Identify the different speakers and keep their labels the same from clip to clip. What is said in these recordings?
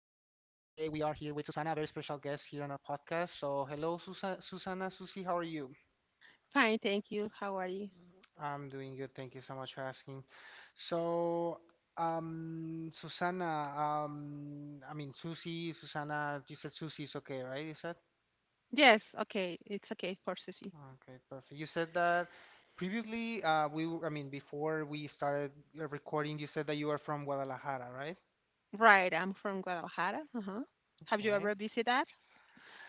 Speaker 1: we are here with Susana, a very special guest here on our podcast. So, hello, Susana, Susie, how are you?
Speaker 2: Fine, thank you. How are you?
Speaker 1: I'm doing good. Thank you so much for asking. So, Susana, I mean, Susie, Susana, you said Susie is okay, right? You said?
Speaker 2: Yes, okay. It's okay for Susie.
Speaker 1: Okay, perfect. You said that previously, I mean, before we started recording, you said that you are from Guadalajara, right?
Speaker 2: Right, I'm from Guadalajara. Uh-huh. Have you
Speaker 1: Okay.
Speaker 2: ever visited that?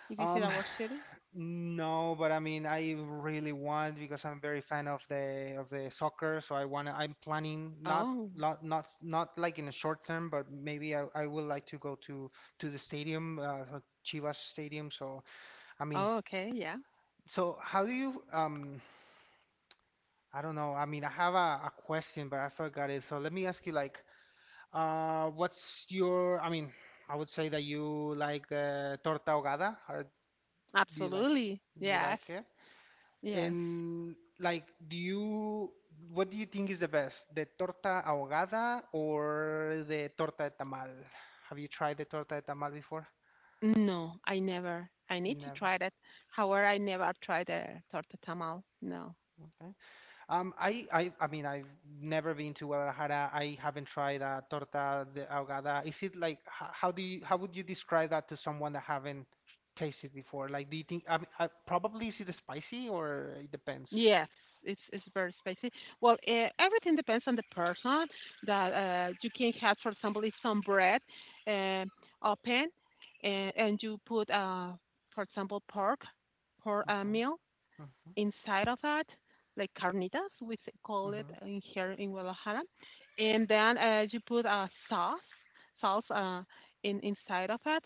Speaker 2: You visit
Speaker 1: Um,
Speaker 2: our city?
Speaker 1: No, but I mean, I really want because I'm very fan of the soccer, so I wanna. I'm planning not
Speaker 2: Oh.
Speaker 1: not not not like in a short term, but maybe I would like to go to the stadium, so Chivas Stadium. So I mean,
Speaker 2: Oh, okay. Yeah.
Speaker 1: so how do you I don't know. I mean, I have a question, but I forgot it. So let me ask you like, what's your? I mean, I would say that you like the torta ahogada, or do
Speaker 2: Absolutely.
Speaker 1: you
Speaker 2: Yes.
Speaker 1: like it?
Speaker 2: Yes.
Speaker 1: And like, do you, what do you think is the best, the torta ahogada or the torta de tamal? Have you tried the torta de tamal before?
Speaker 2: No, I never. I
Speaker 1: You
Speaker 2: need to
Speaker 1: never.
Speaker 2: try that. However, I never tried a torta tamal. No.
Speaker 1: Okay. I mean, I've never been to Guadalajara. I haven't tried a torta de ahogada. Is it like, how do you, how would you describe that to someone that haven't tasted before? Like, do you think, I mean, probably is it spicy or it depends?
Speaker 2: Yes, it's very spicy. Well, everything depends on the person that you can have. For example, if some bread uh, open and you put for example, pork
Speaker 1: Okay.
Speaker 2: meal
Speaker 1: Mm-hmm.
Speaker 2: inside of that, like carnitas, call it
Speaker 1: Mm-hmm.
Speaker 2: in here in Guadalajara, and then you put a sauce in inside of it.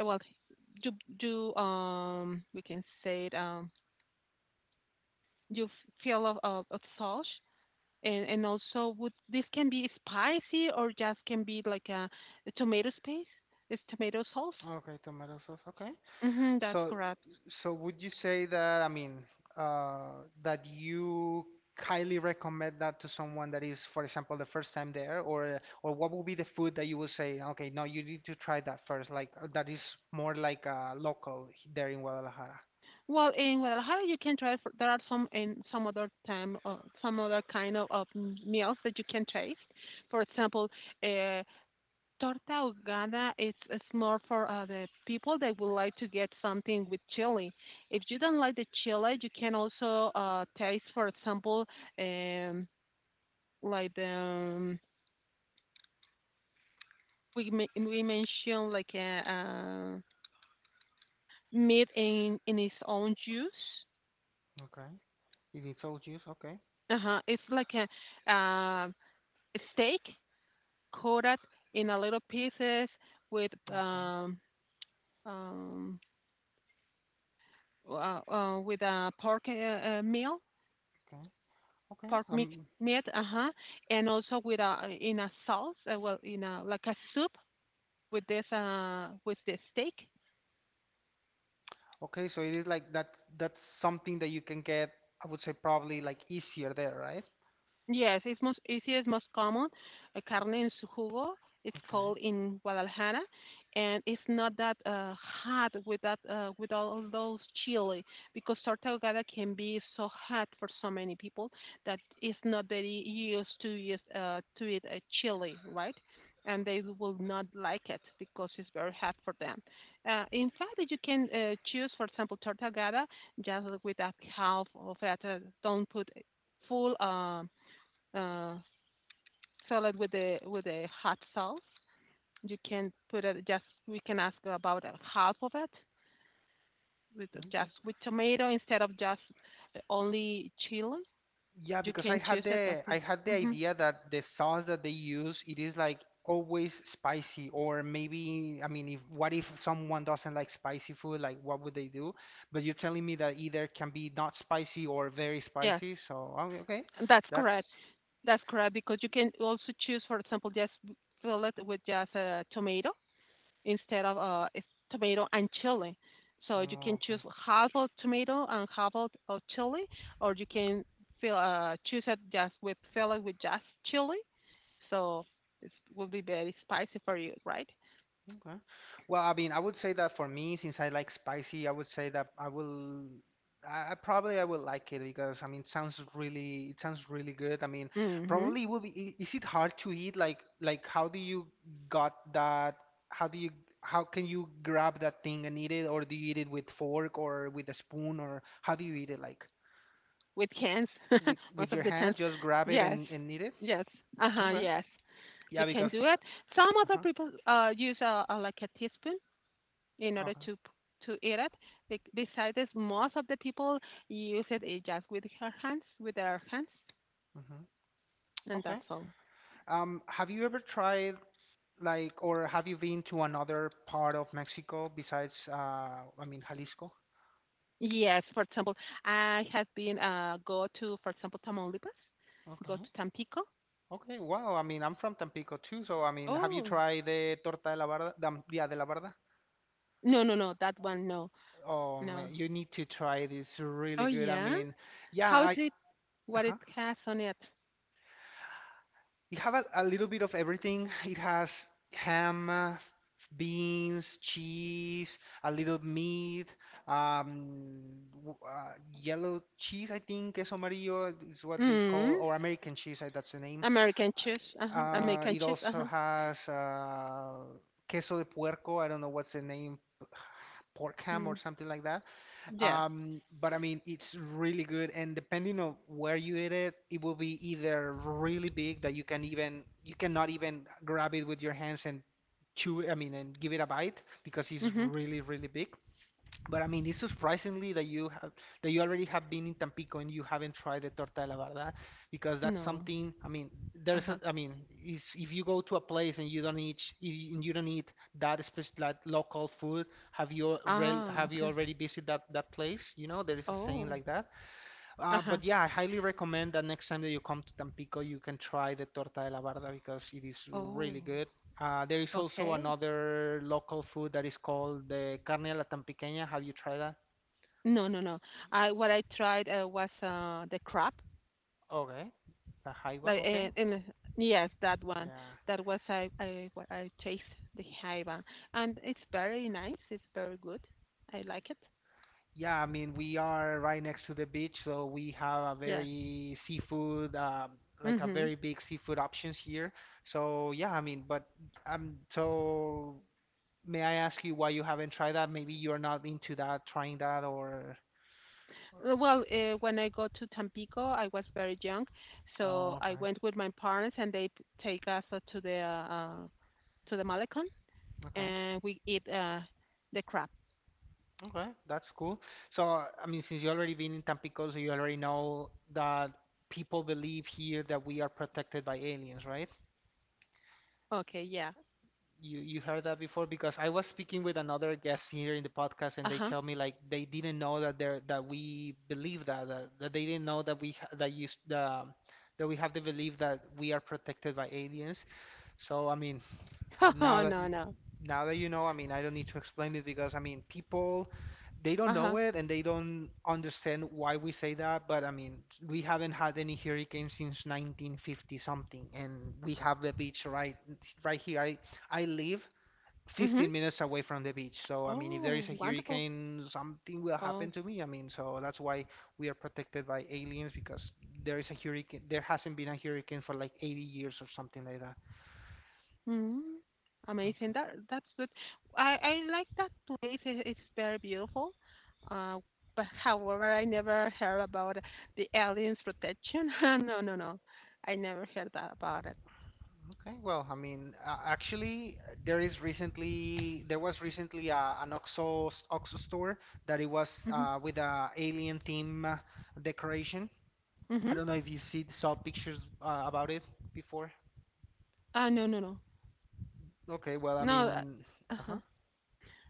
Speaker 2: Well, you you we can say it fill of sauce and also, would this can be spicy or just can be like a tomato paste? It's tomato sauce.
Speaker 1: Okay, tomato sauce. Okay.
Speaker 2: Mm-hmm, that's
Speaker 1: So,
Speaker 2: correct.
Speaker 1: so would you say that, I mean, that you highly recommend that to someone that is, for example, the first time there, or what would be the food that you would say, okay, no, you need to try that first, like that is more like there in Guadalajara.
Speaker 2: Well, in Guadalajara, you can try. For, there are some in some other time, some other kind of meals that you can taste. For example, uh, torta ahogada is more for the people that would like to get something with chili. If you don't like the chili, you can also taste, for example, um, like the we mentioned like a meat in its own juice.
Speaker 1: Okay. It is all juice. Okay.
Speaker 2: Uh huh. It's like a steak coated in a little pieces with
Speaker 1: Okay.
Speaker 2: um um with a pork meal
Speaker 1: Okay. Okay.
Speaker 2: pork meat meat uh huh and also with a in a sauce well in a like a soup with this with the steak.
Speaker 1: Okay. So it is like that. That's something that you can get. I would say probably like easier there, right?
Speaker 2: Yes, it's most easiest, most common. Carne en su jugo. It's called in Guadalajara, and it's not that hot with that with all of those chili because torta ahogada can be so hot for so many people that it's not that used to use to eat a chili, right? And they will not like it because it's very hot for them. In fact, you can choose, for example, torta ahogada just with a half of it. Don't put full uh, salad with a hot sauce. You can put it just we can ask about half of it with
Speaker 1: Okay.
Speaker 2: just with tomato instead of just only chili.
Speaker 1: Yeah,
Speaker 2: You
Speaker 1: because
Speaker 2: can choose it. Okay.
Speaker 1: I had the
Speaker 2: Hmm.
Speaker 1: idea that the sauce that they use it is like always spicy or maybe I mean if what if someone doesn't like spicy food like what would they do? But you're telling me that either can be not spicy or very
Speaker 2: Yes,
Speaker 1: spicy. So okay.
Speaker 2: that's correct.
Speaker 1: That's
Speaker 2: That's correct because you can also choose, for example, just fill it with just a tomato instead of it's tomato and chili. So you
Speaker 1: oh,
Speaker 2: can
Speaker 1: okay.
Speaker 2: choose half of tomato and half of chili, or you can fill choose it just with fill it with just chili. So it will be very spicy for you, right?
Speaker 1: Okay. Well, I mean, I would say that for me, since I like spicy, I would say that I will, I probably I will like it because I mean, it sounds really good. I mean,
Speaker 2: Mm-hmm.
Speaker 1: probably it will be. Is it hard to eat? Like how do you got that? How do you, how can you grab that thing and eat it? Or do you eat it with fork or with a spoon or how do you eat it? Like
Speaker 2: With cans,
Speaker 1: with
Speaker 2: most of
Speaker 1: your
Speaker 2: the
Speaker 1: hands,
Speaker 2: times.
Speaker 1: just grab it
Speaker 2: Yes,
Speaker 1: and eat it?
Speaker 2: yes, uh huh,
Speaker 1: Okay.
Speaker 2: yes. You
Speaker 1: Yeah,
Speaker 2: can do
Speaker 1: because.
Speaker 2: it. Some other
Speaker 1: Uh-huh.
Speaker 2: people use like a teaspoon in order
Speaker 1: Okay.
Speaker 2: to eat it. They decided most of the people use it just with her hands, with their hands,
Speaker 1: hmm
Speaker 2: and
Speaker 1: Okay.
Speaker 2: that's all.
Speaker 1: Have you ever tried? Like, or have you been to another part of Mexico besides, I mean, Jalisco?
Speaker 2: Yes, for example, I have been go to for example Tamaulipas, go
Speaker 1: Okay.
Speaker 2: to Tampico.
Speaker 1: Okay. Wow. I mean, I'm from Tampico too. So, I mean, have you
Speaker 2: Oh,
Speaker 1: tried the torta de la barda? Yeah, de la barda?
Speaker 2: no, no, no, that one, no,
Speaker 1: Oh,
Speaker 2: no.
Speaker 1: man, you need to try this. Really
Speaker 2: Oh
Speaker 1: good. I
Speaker 2: yeah,
Speaker 1: mean, yeah,
Speaker 2: how is
Speaker 1: I.
Speaker 2: it? What it
Speaker 1: uh
Speaker 2: has on it?
Speaker 1: It have a little bit of everything. It has ham, beans, cheese, a little meat, um, w- uh, yellow cheese, I think, queso amarillo is what they call,
Speaker 2: Mm,
Speaker 1: or American cheese, that's the name.
Speaker 2: American cheese. Uh huh. American
Speaker 1: It
Speaker 2: cheese. Uh
Speaker 1: also
Speaker 2: huh.
Speaker 1: has queso de puerco. I don't know what's the name, pork ham or
Speaker 2: Mm,
Speaker 1: something like that.
Speaker 2: yes.
Speaker 1: But I mean, it's really good, and depending on where you eat it, it will be either really big that you can even you cannot even grab it with your hands and chew. I mean, and give it a bite because it's
Speaker 2: Mhm.
Speaker 1: really really big, but I mean, it's surprisingly that you have that you already have been in Tampico and you haven't tried the torta de la verdad because that's
Speaker 2: No.
Speaker 1: something. I mean,
Speaker 2: Uh
Speaker 1: there's a.
Speaker 2: huh.
Speaker 1: I mean, is if you go to a place and you don't eat sh- y- and you don't eat that special that local food,
Speaker 2: Ah,
Speaker 1: have you
Speaker 2: okay.
Speaker 1: already visited that place? You know, there is a saying
Speaker 2: Oh.
Speaker 1: like that.
Speaker 2: Uh huh.
Speaker 1: But yeah, I highly recommend that next time that you come to Tampico, you can try the torta de la barda because it is really
Speaker 2: Oh,
Speaker 1: good. There is also
Speaker 2: okay.
Speaker 1: another local food that is called the carne a la tampiqueña. Have you tried that?
Speaker 2: No, no, no. I what I tried was the crab,
Speaker 1: Okay. The jaiba,
Speaker 2: like
Speaker 1: okay.
Speaker 2: and yes, that one.
Speaker 1: Yeah.
Speaker 2: That was I what I chased the jaiba, and it's very nice. It's very good. I like it.
Speaker 1: Yeah, I mean, we are right next to the beach, so we have a
Speaker 2: Yes.
Speaker 1: very seafood, like a
Speaker 2: Mhm.
Speaker 1: very big seafood options here. So yeah, I mean, but so may I ask you why you haven't tried that? Maybe you're not into that, trying that, or.
Speaker 2: Well, when I go to Tampico, I was very young,
Speaker 1: Oh,
Speaker 2: so I
Speaker 1: okay.
Speaker 2: went with my parents, and they take us to the to the Malecon,
Speaker 1: Okay.
Speaker 2: and we eat the crab.
Speaker 1: Okay. That's cool. So, I mean, since you already been in Tampico, so you already know that people believe here that we are protected by aliens, right?
Speaker 2: Okay, yeah.
Speaker 1: You heard that before because I was speaking with another guest here in the podcast and
Speaker 2: Uh
Speaker 1: they
Speaker 2: huh.
Speaker 1: tell me like they didn't know that there that we believe that they didn't know that we ha- that you s- the that we have the belief that we are protected by aliens. So, I mean, now
Speaker 2: Oh,
Speaker 1: that
Speaker 2: no, no.
Speaker 1: now that you know, I mean, I don't need to explain it because I mean, people they don't know
Speaker 2: Uh-huh.
Speaker 1: it and they don't understand why we say that, but I mean, we haven't had any hurricane since 1950 something and we have the beach right here. I live
Speaker 2: Mhm.
Speaker 1: 15 minutes away from the beach. So I mean, if there
Speaker 2: Oh,
Speaker 1: is a
Speaker 2: wonderful.
Speaker 1: hurricane, something will
Speaker 2: Oh.
Speaker 1: happen to me. I mean, so that's why we are protected by aliens because there hasn't been a hurricane for like 80 years or something like that.
Speaker 2: Mhm. Amazing.
Speaker 1: Okay.
Speaker 2: That that's good. I like that place. It's very beautiful. Uh, but however, I never heard about the aliens protection. No, no, no. I never heard that about it.
Speaker 1: Okay, well, I mean, actually, there was recently an OXO store that it was
Speaker 2: Mhm.
Speaker 1: with a alien theme decoration. I
Speaker 2: Mhm.
Speaker 1: don't know if you see saw pictures about it before.
Speaker 2: No, no, no.
Speaker 1: Okay, well, I
Speaker 2: No.
Speaker 1: mean,
Speaker 2: Uh-huh.
Speaker 1: uh-huh.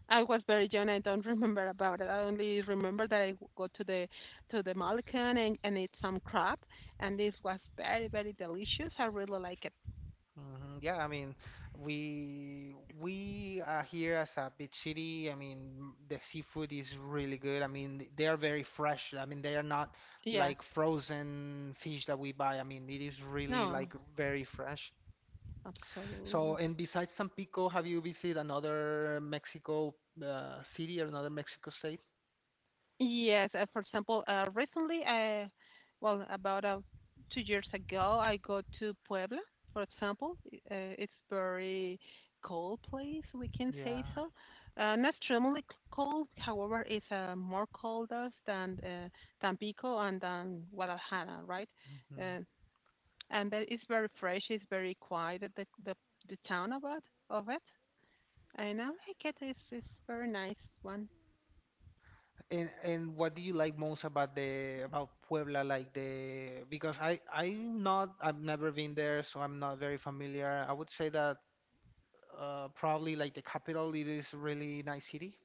Speaker 2: I was very young. I don't remember about it. I only remember that I go to the Malkan and eat some crab, and this was very very delicious. I really like it.
Speaker 1: Yeah, I mean, we we are here as a beach city. I mean, the seafood is really good. I mean, they are very fresh. I mean, they are not
Speaker 2: Yes.
Speaker 1: like frozen fish that we buy. I mean, it is really like
Speaker 2: No.
Speaker 1: very fresh. So,
Speaker 2: Absolutely.
Speaker 1: and besides San Pico, have you visited another Mexico city or another Mexico state?
Speaker 2: Yes, for example, recently, well, about 2 years ago, I go to Puebla, for example. It's very cold place, we can
Speaker 1: Yeah.
Speaker 2: say so. Not extremely cold, however, it's more colder than Tampico and than Guadalajara, right? Uh, and that it's very fresh, it's very quiet, the town about of it. And I like it, it's very nice one.
Speaker 1: And what do you like most about the about Puebla? Like the because I I'm not I've never been there, so I'm not very familiar. I would say that probably like the capital, it is really nice city.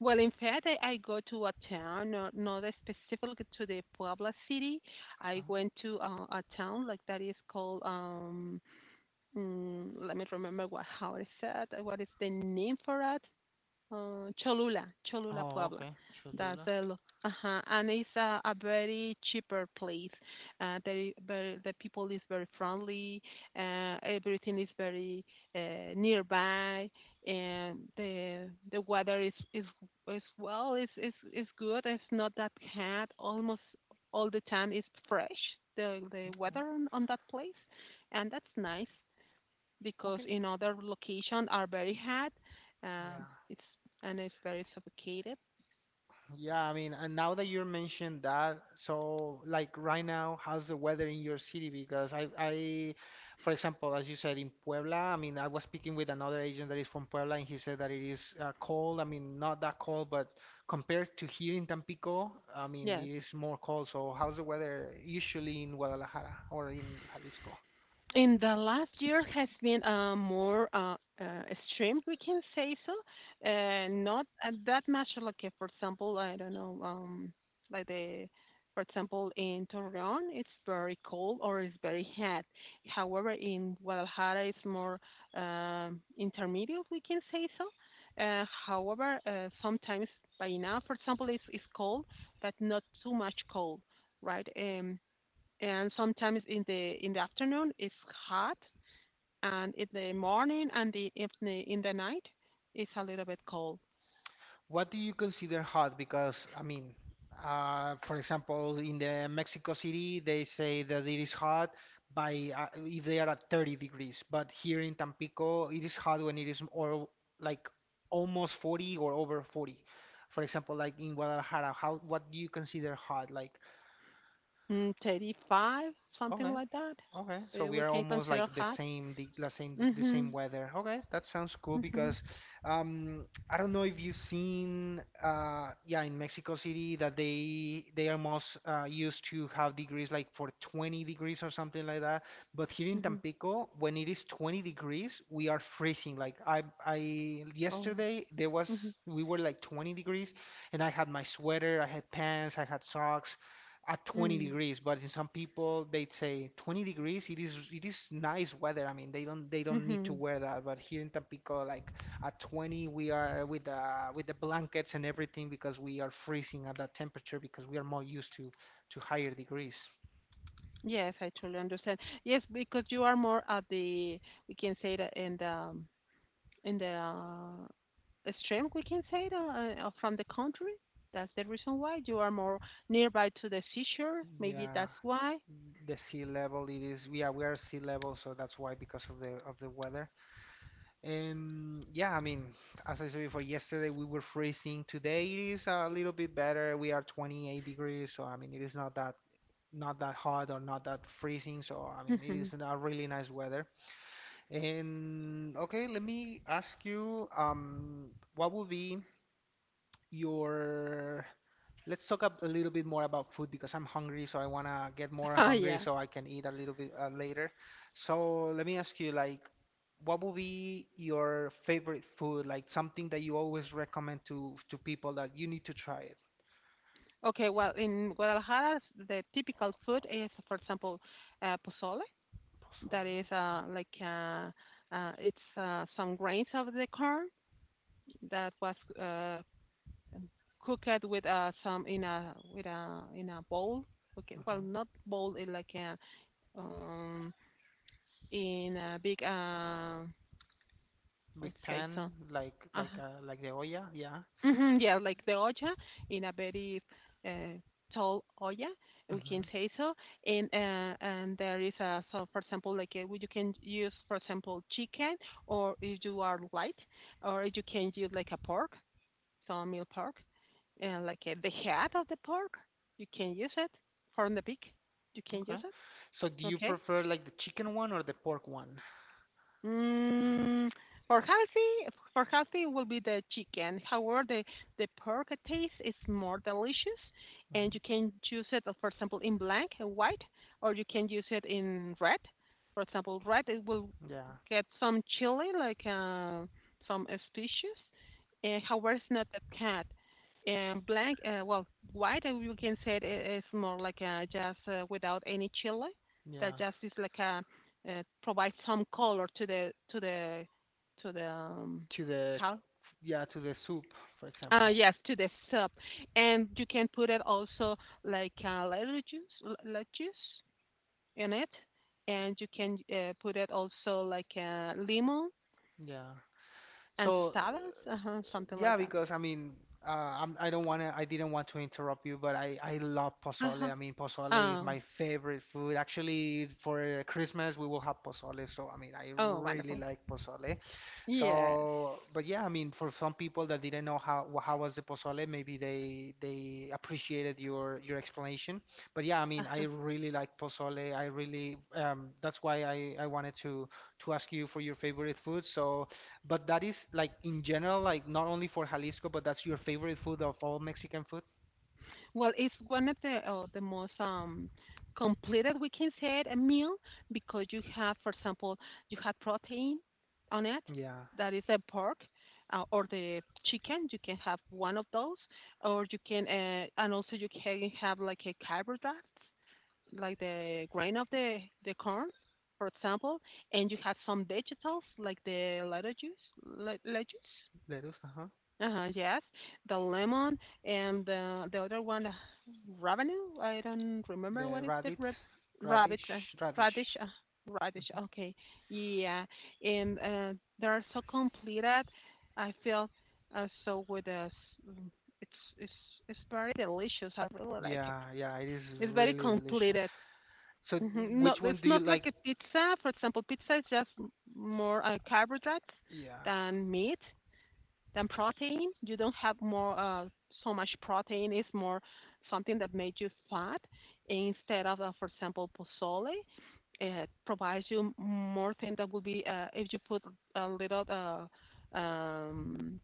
Speaker 2: Well, in fact, I go to a town, not specifically to the Puebla city. I
Speaker 1: Okay.
Speaker 2: went to a town like that is called, let me remember what how it said, what is the name for it? Cholula, Cholula,
Speaker 1: Oh,
Speaker 2: Puebla.
Speaker 1: okay,
Speaker 2: That's
Speaker 1: Cholula.
Speaker 2: the lo- uh-huh. And it's a very cheaper place. They very, the people is very friendly. Everything is very nearby, and the weather is well. It's good. It's not that hot. Almost all the time is fresh. The
Speaker 1: Yeah,
Speaker 2: weather on that place, and that's nice because
Speaker 1: Okay.
Speaker 2: in other location are very hot.
Speaker 1: Yeah.
Speaker 2: It's and it's very suffocated.
Speaker 1: Yeah, I mean, and now that you mentioned that, so like right now, how's the weather in your city? Because for example, as you said in Puebla, I mean, I was speaking with another agent that is from Puebla, and he said that it is cold. I mean, not that cold, but compared to here in Tampico, I mean,
Speaker 2: Yes.
Speaker 1: it is more cold. So how's the weather usually in Guadalajara or in Jalisco?
Speaker 2: In the last year has been more uh, extreme, we can say so. Not that much like, for example, I don't know, like the, for example, in Torreon, it's very cold or it's very hot. However, in Guadalajara, it's more intermediate, we can say so. However, sometimes by now, for example, it's cold, but not too much cold, right? And sometimes in the afternoon it's hot, and in the morning and in the night it's a little bit cold.
Speaker 1: What do you consider hot? Because, I mean, for example, in the Mexico City, they say that it is hot by if they are at 30 degrees, but here in Tampico, it is hot when it is or like almost 40 or over 40. For example, like in Guadalajara, how what do you consider hot? Like,
Speaker 2: Mm, 35, something
Speaker 1: okay.
Speaker 2: like that.
Speaker 1: Okay, so we
Speaker 2: We
Speaker 1: are
Speaker 2: can
Speaker 1: almost
Speaker 2: consider
Speaker 1: like the
Speaker 2: hot.
Speaker 1: same, the same
Speaker 2: Mhm.
Speaker 1: weather. Okay, that sounds cool
Speaker 2: Mhm.
Speaker 1: because um, I don't know if you've seen, yeah, in Mexico City that they are most used to have degrees like for 20 degrees or something like that. But here in
Speaker 2: Mhm.
Speaker 1: Tampico, when it is 20 degrees, we are freezing. Like I
Speaker 2: Oh.
Speaker 1: yesterday there was
Speaker 2: Mhm.
Speaker 1: we were like 20 degrees, and I had my sweater, I had pants, I had socks at 20
Speaker 2: Mm.
Speaker 1: degrees, but in some people they say 20 degrees. It is nice weather. I mean, they don't need to
Speaker 2: Mhm.
Speaker 1: wear that. But here in Tampico, like at 20, we are with the blankets and everything because we are freezing at that temperature because we are more used to higher degrees.
Speaker 2: Yes, I truly understand. Yes, because you are more at the we can say that in the in the stream, we can say, the, from the country. That's the reason why you are more nearby to the seashore. Maybe
Speaker 1: Yeah,
Speaker 2: that's why.
Speaker 1: the sea level it is. Yeah, we are sea level, so that's why because of the weather. And yeah, I mean, as I said before, yesterday we were freezing. Today it is a little bit better. We are 28 degrees, so I mean, it is not that hot or not that freezing. So I mean, it
Speaker 2: Mhm.
Speaker 1: is a really nice weather. And okay, let me ask you, what would be your let's talk up a little bit more about food because I'm hungry, so I wanna get more
Speaker 2: Oh,
Speaker 1: hungry
Speaker 2: yeah.
Speaker 1: so I can eat a little bit later. So let me ask you, like, what would be your favorite food? Like something that you always recommend to people that you need to try it.
Speaker 2: Okay, well, in Guadalajara, the typical food is, for example, pozole. That
Speaker 1: Pozole.
Speaker 2: is like it's some grains of the corn that was cooked with some in a with a in a bowl. Okay, well,
Speaker 1: Mhm.
Speaker 2: not bowl, in like a um, in a big
Speaker 1: Big
Speaker 2: what to say
Speaker 1: pan,
Speaker 2: so. Uh-huh.
Speaker 1: like the olla, yeah.
Speaker 2: Hmm, yeah, like the olla, in a very uh, tall olla we can
Speaker 1: Hmm.
Speaker 2: say so, and and there is a so for example like you can use for example chicken or if you are light or you can use like a pork so meal pork and like the head of the pork you can use it from the beak you can
Speaker 1: Okay.
Speaker 2: use it.
Speaker 1: So do you
Speaker 2: Okay.
Speaker 1: prefer like the chicken one or the pork one? Uh,
Speaker 2: Mm, for healthy will be the chicken. However, the pork taste is more delicious,
Speaker 1: mhm.
Speaker 2: and you can choose it, for example, in black and white, or you can use it in red. For example, red it will
Speaker 1: Yeah,
Speaker 2: get some chili, like some species. However, it's not that cat. And black, well, white, you can say it is more like just without any chili. That
Speaker 1: yeah.
Speaker 2: just is like a provide some color to the
Speaker 1: To the.
Speaker 2: cal-
Speaker 1: Yeah, to the soup, for example.
Speaker 2: yes, to the soup, and you can put it also like lettuce in it, and you can put it also like lemon
Speaker 1: Yeah,
Speaker 2: and
Speaker 1: so
Speaker 2: tostadas, uh, something like
Speaker 1: yeah,
Speaker 2: that.
Speaker 1: because I mean, I didn't want to interrupt you, but I love
Speaker 2: Uh huh.
Speaker 1: pozole. I mean, pozole is my
Speaker 2: Oh,
Speaker 1: favorite food. Actually, for Christmas we will have pozole, so I mean, I
Speaker 2: oh,
Speaker 1: really
Speaker 2: wonderful.
Speaker 1: like pozole.
Speaker 2: Yes.
Speaker 1: So, but yeah, I mean, for some people that didn't know how how was the pozole, maybe they appreciated your explanation. But yeah, I mean, I really like pozole. I really That's why I wanted to ask you for your favorite food. So, but that is like in general, like not only for Jalisco, but that's your favorite food of all Mexican food.
Speaker 2: Well, it's one of the most completed we can say it, a meal because you have, for example, you have protein on it.
Speaker 1: Yeah,
Speaker 2: That is a pork or the chicken. You can have one of those, or you can and also you can have like a carbohydrate, like the grain of the corn, for example, and you have some vegetables like the lettuce,
Speaker 1: lettuce, uh-huh.
Speaker 2: uh-huh, yes, the lemon and the other one, revenue. I don't remember
Speaker 1: The
Speaker 2: what is the
Speaker 1: radish,
Speaker 2: rabbit, uh,
Speaker 1: radish, radish.
Speaker 2: radish, uh, radish. Okay, yeah, and they're so completed. I feel so with us. It's it's very delicious. I really like it.
Speaker 1: Yeah, yeah, it is
Speaker 2: It's very
Speaker 1: really delicious.
Speaker 2: completed.
Speaker 1: So,
Speaker 2: Hmm. Not,
Speaker 1: which one
Speaker 2: it's
Speaker 1: do you
Speaker 2: not like
Speaker 1: like?
Speaker 2: a pizza. For example, pizza is just more carbohydrates
Speaker 1: Yeah.
Speaker 2: than meat, than protein. You don't have more so much protein. It's more something that makes you fat instead of, for example, pozole. It provides you more thing that would be if you put a little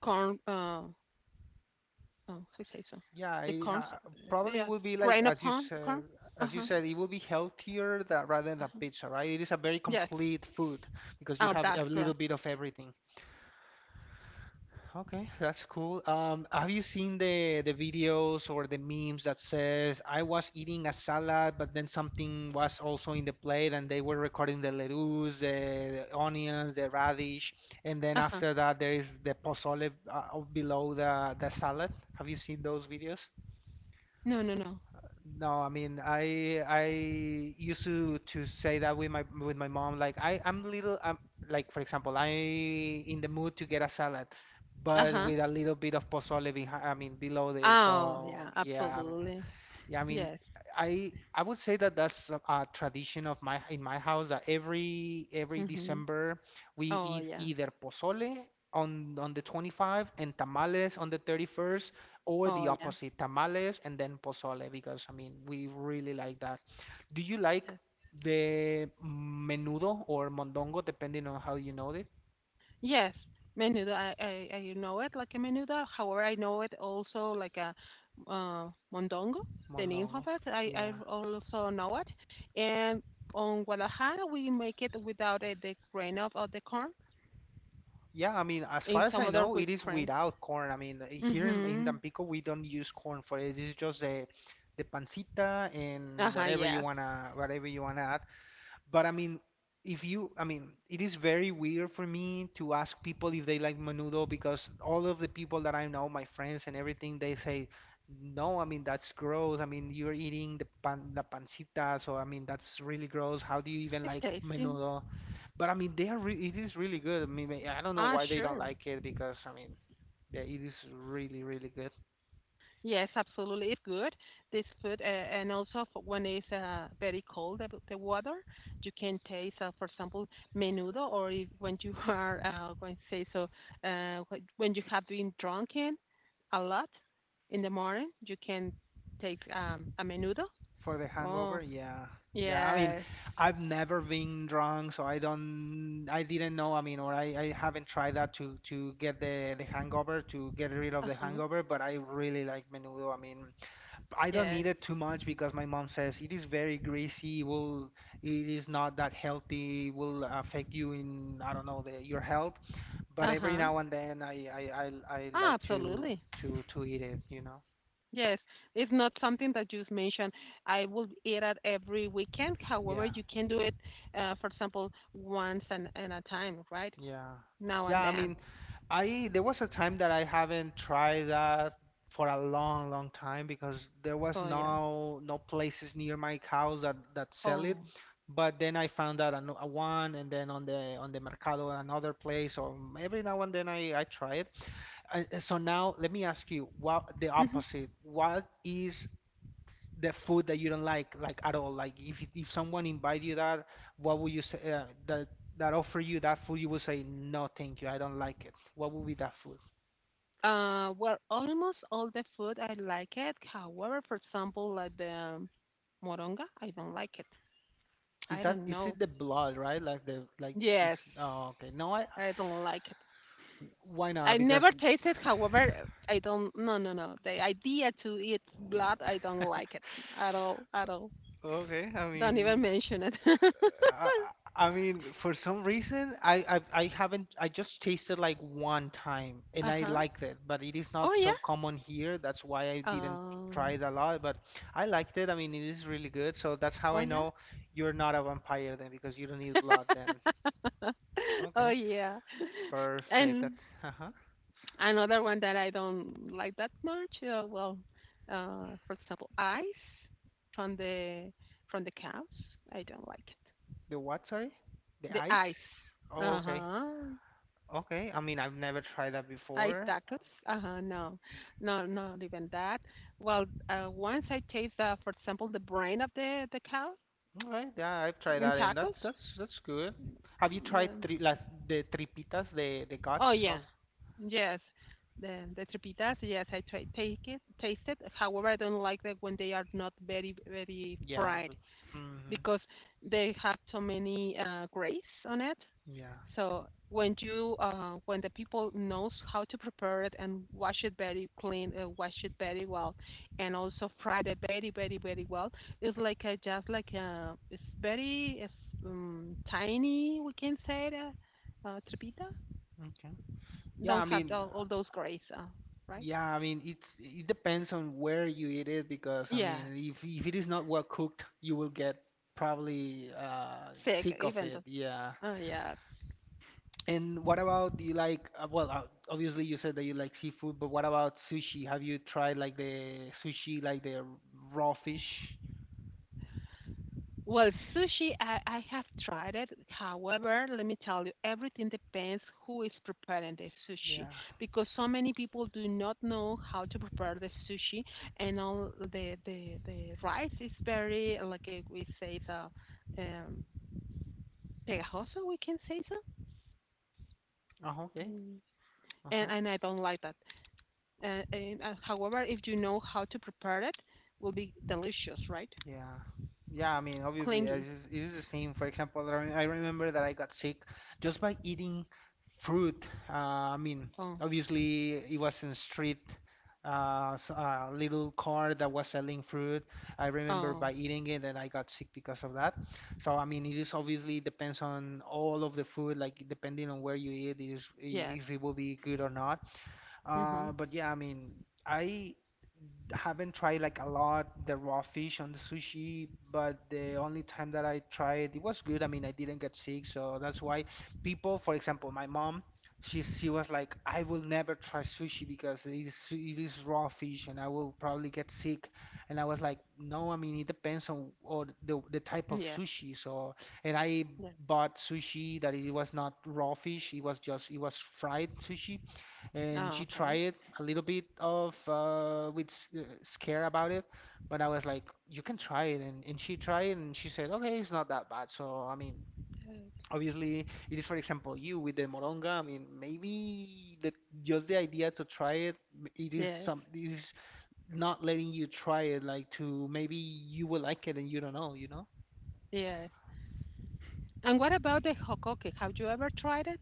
Speaker 2: corn. Oh, I say so.
Speaker 1: Yeah,
Speaker 2: The
Speaker 1: it,
Speaker 2: corn.
Speaker 1: uh, probably
Speaker 2: Yes,
Speaker 1: would be like
Speaker 2: grain
Speaker 1: as you
Speaker 2: upon corn.
Speaker 1: said,
Speaker 2: Uh huh.
Speaker 1: it would be healthier that rather than pizza, right? It is a very
Speaker 2: Yes.
Speaker 1: complete food because you
Speaker 2: Oh,
Speaker 1: have a
Speaker 2: that's
Speaker 1: little
Speaker 2: correct.
Speaker 1: bit of everything. Okay, that's cool. Have you seen the videos or the memes that says I was eating a salad, but then something was also in the plate, and they were recording the lettuce, the onions, the radish, and then
Speaker 2: Uh huh.
Speaker 1: after that there is the pozole below the salad. Have you seen those videos?
Speaker 2: No, no, no.
Speaker 1: No, I mean, I used to say that with my mom. Like I'm little, I'm like, for example, I in the mood to get a salad,
Speaker 2: Uh
Speaker 1: but
Speaker 2: huh.
Speaker 1: with a little bit of pozole behind. I mean, below it.
Speaker 2: Oh,
Speaker 1: So
Speaker 2: yeah.
Speaker 1: yeah,
Speaker 2: Absolutely.
Speaker 1: yeah, I mean,
Speaker 2: Yes.
Speaker 1: I would say that that's a tradition of my in my house, that every
Speaker 2: Mhm.
Speaker 1: December we
Speaker 2: Oh,
Speaker 1: eat
Speaker 2: yeah.
Speaker 1: either pozole on the 25th and tamales on the 31st, or
Speaker 2: Oh,
Speaker 1: the
Speaker 2: yeah.
Speaker 1: opposite, tamales and then pozole, because I mean, we really like that. Do you like
Speaker 2: Yes.
Speaker 1: the menudo or mondongo, depending on how you know it?
Speaker 2: Yes. Menudo. I know it like a menudo. However, I know it also like a mondongo, the name of
Speaker 1: Mondongo.
Speaker 2: it. I
Speaker 1: Yeah.
Speaker 2: also know it. And on Guadalajara, we make it without the grain of the corn,
Speaker 1: Yeah, I mean, as far
Speaker 2: in
Speaker 1: as
Speaker 2: some
Speaker 1: I
Speaker 2: other
Speaker 1: know,
Speaker 2: with
Speaker 1: it is
Speaker 2: grain.
Speaker 1: without corn. I mean, here in
Speaker 2: Hmm
Speaker 1: Tampico, we don't use corn for it. It's just the pancita and
Speaker 2: Uh-huh,
Speaker 1: whatever you
Speaker 2: yes.
Speaker 1: wanna whatever you wanna add. But I mean, if you, I mean, it is very weird for me to ask people if they like menudo, because all of the people that I know, my friends and everything, they say, no, I mean, that's gross. I mean, you're eating the pancita, so I mean, that's really gross. How do you even
Speaker 2: It's
Speaker 1: like
Speaker 2: tasty.
Speaker 1: menudo? But I mean, they are re it is really good. I mean, I don't know
Speaker 2: Ah,
Speaker 1: why they don't
Speaker 2: sure.
Speaker 1: like it, because I mean, yeah, it is really, really good.
Speaker 2: Yes, absolutely. It's good, this food. And also for when it's very cold, the water, you can taste, for example, menudo, or if, when you are going to say so, when you have been drunken a lot in the morning, you can take a menudo.
Speaker 1: For the hangover,
Speaker 2: Oh,
Speaker 1: yeah. Yeah, I mean,
Speaker 2: yes.
Speaker 1: I've never been drunk, so I didn't know, I mean, or I haven't tried that to get the hangover, to get rid of the
Speaker 2: Uh-huh.
Speaker 1: hangover, but I really like menudo. I mean, I don't need
Speaker 2: Yes.
Speaker 1: it too much because my mom says it is very greasy, will it is not that healthy, will affect you in, I don't know, your health. But every
Speaker 2: Uh-huh.
Speaker 1: now and then I
Speaker 2: Ah,
Speaker 1: like to
Speaker 2: absolutely.
Speaker 1: to to eat it.
Speaker 2: Yes, it's not something that you mentioned. I will eat it every weekend. However,
Speaker 1: Yeah.
Speaker 2: you can do it, for example, once and a time, right?
Speaker 1: Yeah.
Speaker 2: Now and
Speaker 1: Yeah, I
Speaker 2: then.
Speaker 1: mean, I there was a time that I haven't tried that for a long, long time, because there was
Speaker 2: Oh, yeah.
Speaker 1: no places near my house that sell it.
Speaker 2: Oh.
Speaker 1: But then I found out a one, and then on the Mercado, another place. Or every now and then I try it. So now let me ask you, what the
Speaker 2: hmm
Speaker 1: opposite? What is the food that you don't like at all? Like, if someone invite you, that what would you say, that offer you that food, you would say, no, thank you, I don't like it. What would be that food?
Speaker 2: Well, almost all the food I like it. However, for example, like the moronga, I don't like it. I don't
Speaker 1: Is
Speaker 2: know.
Speaker 1: it the blood, right? Like the like
Speaker 2: Yes,
Speaker 1: it's, oh, okay. No. I
Speaker 2: I don't like it.
Speaker 1: Why
Speaker 2: I
Speaker 1: not?
Speaker 2: never
Speaker 1: Because
Speaker 2: taste it. However, I don't. No, no, no. The idea to eat blood, I don't like it at all, at all.
Speaker 1: okay, I
Speaker 2: Don't even
Speaker 1: mean,
Speaker 2: mention it.
Speaker 1: I, I mean, for some reason, I haven't. I just tasted like one time, and I
Speaker 2: Uh-huh.
Speaker 1: liked it. But it is
Speaker 2: Oh,
Speaker 1: not
Speaker 2: yeah.
Speaker 1: so common here. That's why I didn't try
Speaker 2: Oh.
Speaker 1: it a lot. But I liked it. I mean, it is really good. So that's how
Speaker 2: Oh,
Speaker 1: I
Speaker 2: yeah.
Speaker 1: know you're not a vampire then, because you don't need blood then.
Speaker 2: Oh,
Speaker 1: Okay,
Speaker 2: yeah.
Speaker 1: perfect.
Speaker 2: And
Speaker 1: That's, uh-huh.
Speaker 2: another one that I don't like that much, for example, ice from the from the cows. I don't like it.
Speaker 1: The what? Sorry, the
Speaker 2: The
Speaker 1: ice.
Speaker 2: ice.
Speaker 1: Oh, okay,
Speaker 2: Uh-huh.
Speaker 1: okay. I mean, I've never tried that
Speaker 2: Ice
Speaker 1: before.
Speaker 2: tacos. Uh-huh. No, no, not even that. Well, once I taste, for example, the brain of the cow
Speaker 1: Alright, yeah, I've tried
Speaker 2: in
Speaker 1: that, and
Speaker 2: tacos.
Speaker 1: that's good. Have you tried
Speaker 2: No.
Speaker 1: tri las the tripitas, the
Speaker 2: Oh
Speaker 1: guts
Speaker 2: yeah,
Speaker 1: of?
Speaker 2: yes. The trepitas, yes, I try take it, taste it. However, I don't like that when they are not very very
Speaker 1: Yeah.
Speaker 2: fried
Speaker 1: Mm-hmm.
Speaker 2: because they have so many grays on it.
Speaker 1: Yeah.
Speaker 2: So when you when the people knows how to prepare it and wash it very clean, wash it very well, and also fry it very very very well, it's like a, just like a it's very it's, tiny we can say it, trepita
Speaker 1: Okay. Yeah,
Speaker 2: don't
Speaker 1: I
Speaker 2: have
Speaker 1: mean, uh,
Speaker 2: all those grays, right?
Speaker 1: yeah, I mean, it depends on where you eat it, because I mean,
Speaker 2: Yes,
Speaker 1: if it is not well cooked, you will get probably
Speaker 2: sick
Speaker 1: sick of
Speaker 2: even
Speaker 1: it.
Speaker 2: the
Speaker 1: Yeah.
Speaker 2: yes.
Speaker 1: And what about, do you like? Well, obviously you said that you like seafood, but what about sushi? Have you tried like the sushi, like the raw fish?
Speaker 2: Well, sushi I have tried it. However, let me tell you, everything depends who is preparing the sushi
Speaker 1: Yeah.
Speaker 2: because so many people do not know how to prepare the sushi, and all the rice is very like we say so, um, pegajoso. We can say so,
Speaker 1: Uh-huh, okay.
Speaker 2: Mm,
Speaker 1: Uh-huh.
Speaker 2: and I don't like that. However, if you know how to prepare it, will be delicious, right?
Speaker 1: Yeah. Yeah, I mean, obviously, it
Speaker 2: Clingy.
Speaker 1: is, it is the same. For example, I remember that I got sick just by eating fruit. I mean,
Speaker 2: Oh,
Speaker 1: obviously, it was in street, s little cart that was selling fruit. I remember
Speaker 2: oh,
Speaker 1: by eating it and I got sick because of that. So, I mean, it is obviously depends on all of the food, like depending on where you eat,
Speaker 2: yes.
Speaker 1: if it will be good or not.
Speaker 2: hmm
Speaker 1: But yeah, I mean, I haven't tried like a lot the raw fish on the sushi, but the only time that I tried it was good. I mean, I didn't get sick, so that's why people, for example, my mom, she was like, I will never try sushi because it is raw fish and I will probably get sick. And I was like, no, I mean, it depends on or the type of
Speaker 2: Yes.
Speaker 1: sushi. So, and I
Speaker 2: Yes.
Speaker 1: bought sushi that it was not raw fish, it was just it was fried sushi. And
Speaker 2: Oh,
Speaker 1: she
Speaker 2: okay.
Speaker 1: tried a little bit of with scare about it, but I was like, you can try it. And, she tried, and she said, okay, it's not that bad. So I mean,
Speaker 2: Yes.
Speaker 1: obviously, it is, for example, you with the moronga. I mean, maybe the just the idea to try it, m- it is
Speaker 2: Yes.
Speaker 1: some it is not letting you try it, like to, maybe you will like it and you don't know.
Speaker 2: Yes. And what about the hokoke? Have you ever tried it?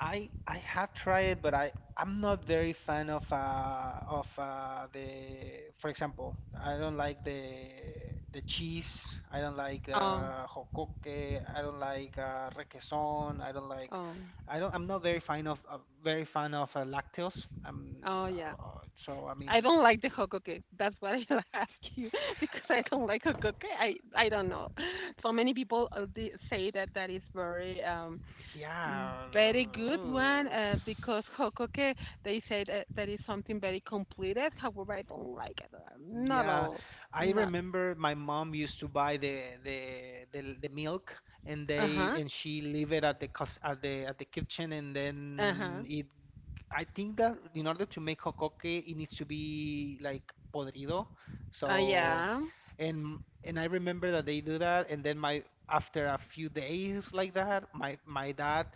Speaker 1: I have tried, but I'm not very fan of the for example, I don't like the cheese. I don't like
Speaker 2: Oh,
Speaker 1: jocoque. I don't like requesón. I don't like,
Speaker 2: oh,
Speaker 1: I'm not very fan of lactose,
Speaker 2: oh, yeah.
Speaker 1: so I mean,
Speaker 2: I don't like the hokoke. That's why I asked you because I don't like hokoke. I don't know. So many people they say that that is very mm,
Speaker 1: yeah.
Speaker 2: very good one,
Speaker 1: Ugh.
Speaker 2: because Hokoke, they say that that is something very completed. However, I don't like it. Not at
Speaker 1: Yeah,
Speaker 2: all.
Speaker 1: I
Speaker 2: Not.
Speaker 1: remember my mom used to buy the milk, and
Speaker 2: Uh
Speaker 1: they
Speaker 2: huh.
Speaker 1: and she leave it at the cus- at the kitchen, and
Speaker 2: Uh
Speaker 1: then
Speaker 2: huh.
Speaker 1: it. I think that in order to make jocoque it needs to be like podrido. So,
Speaker 2: Yeah.
Speaker 1: and I remember that they do that, and then my after a few days like that, my my dad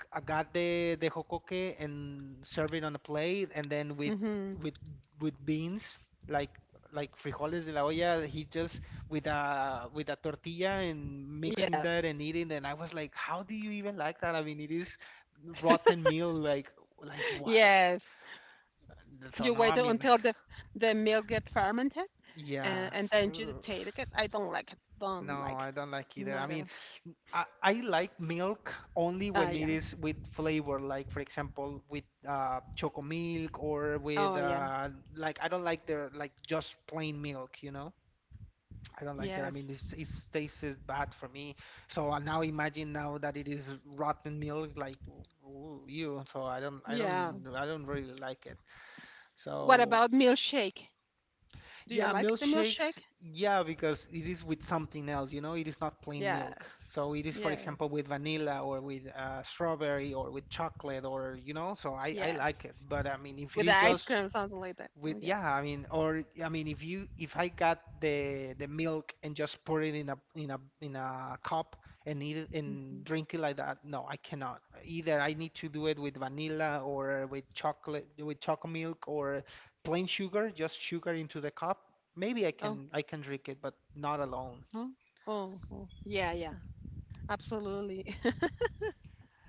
Speaker 1: g- I got the hokoke and serve it on a plate, and then with
Speaker 2: Mm-hmm.
Speaker 1: with with beans, like like frijoles de la olla. He just with a tortilla, and mixing
Speaker 2: Yes.
Speaker 1: that and eating. And I was like, how do you even like that? I mean, it is rotten meal. Like what?
Speaker 2: yes.
Speaker 1: So
Speaker 2: You
Speaker 1: no,
Speaker 2: wait
Speaker 1: I mean,
Speaker 2: until the milk gets fermented,
Speaker 1: yeah.
Speaker 2: and then you
Speaker 1: Ugh.
Speaker 2: take it. I don't like it.
Speaker 1: No,
Speaker 2: Don't like
Speaker 1: I
Speaker 2: it.
Speaker 1: don't like either. I
Speaker 2: Not
Speaker 1: mean,
Speaker 2: even.
Speaker 1: I like milk only
Speaker 2: Ah
Speaker 1: when it
Speaker 2: yeah.
Speaker 1: is with flavor, like for example with choco milk, or with
Speaker 2: Oh yeah.
Speaker 1: like I don't like the like just plain milk. I don't like it. I
Speaker 2: Yes.
Speaker 1: mean, it tastes bad for me. So now imagine now that it is rotten milk, like you. So I don't, I
Speaker 2: Yeah.
Speaker 1: don't, I don't really like it.
Speaker 2: What
Speaker 1: So,
Speaker 2: about milkshake? Do you
Speaker 1: yeah,
Speaker 2: like the
Speaker 1: milkshakes,
Speaker 2: milkshake?
Speaker 1: yeah, because it is with something else, you know, it is not plain
Speaker 2: Yes.
Speaker 1: milk. So it is, for
Speaker 2: Yes.
Speaker 1: example, with vanilla or with strawberry or with chocolate or, you know, so I
Speaker 2: Yes.
Speaker 1: like it. But I mean, if it
Speaker 2: With the
Speaker 1: is
Speaker 2: ice
Speaker 1: just
Speaker 2: cream, something like that. Oh,
Speaker 1: with
Speaker 2: yeah.
Speaker 1: yeah, I mean, or I mean, if I got the milk and just pour it in a cup and eat it
Speaker 2: hmm
Speaker 1: and drink it like that, no, I cannot. Either I need to do it with vanilla or with chocolate milk or plain sugar, just sugar into the cup. Maybe
Speaker 2: Oh,
Speaker 1: I can drink it, but not alone.
Speaker 2: oh, oh, oh. Yeah, yeah. Absolutely.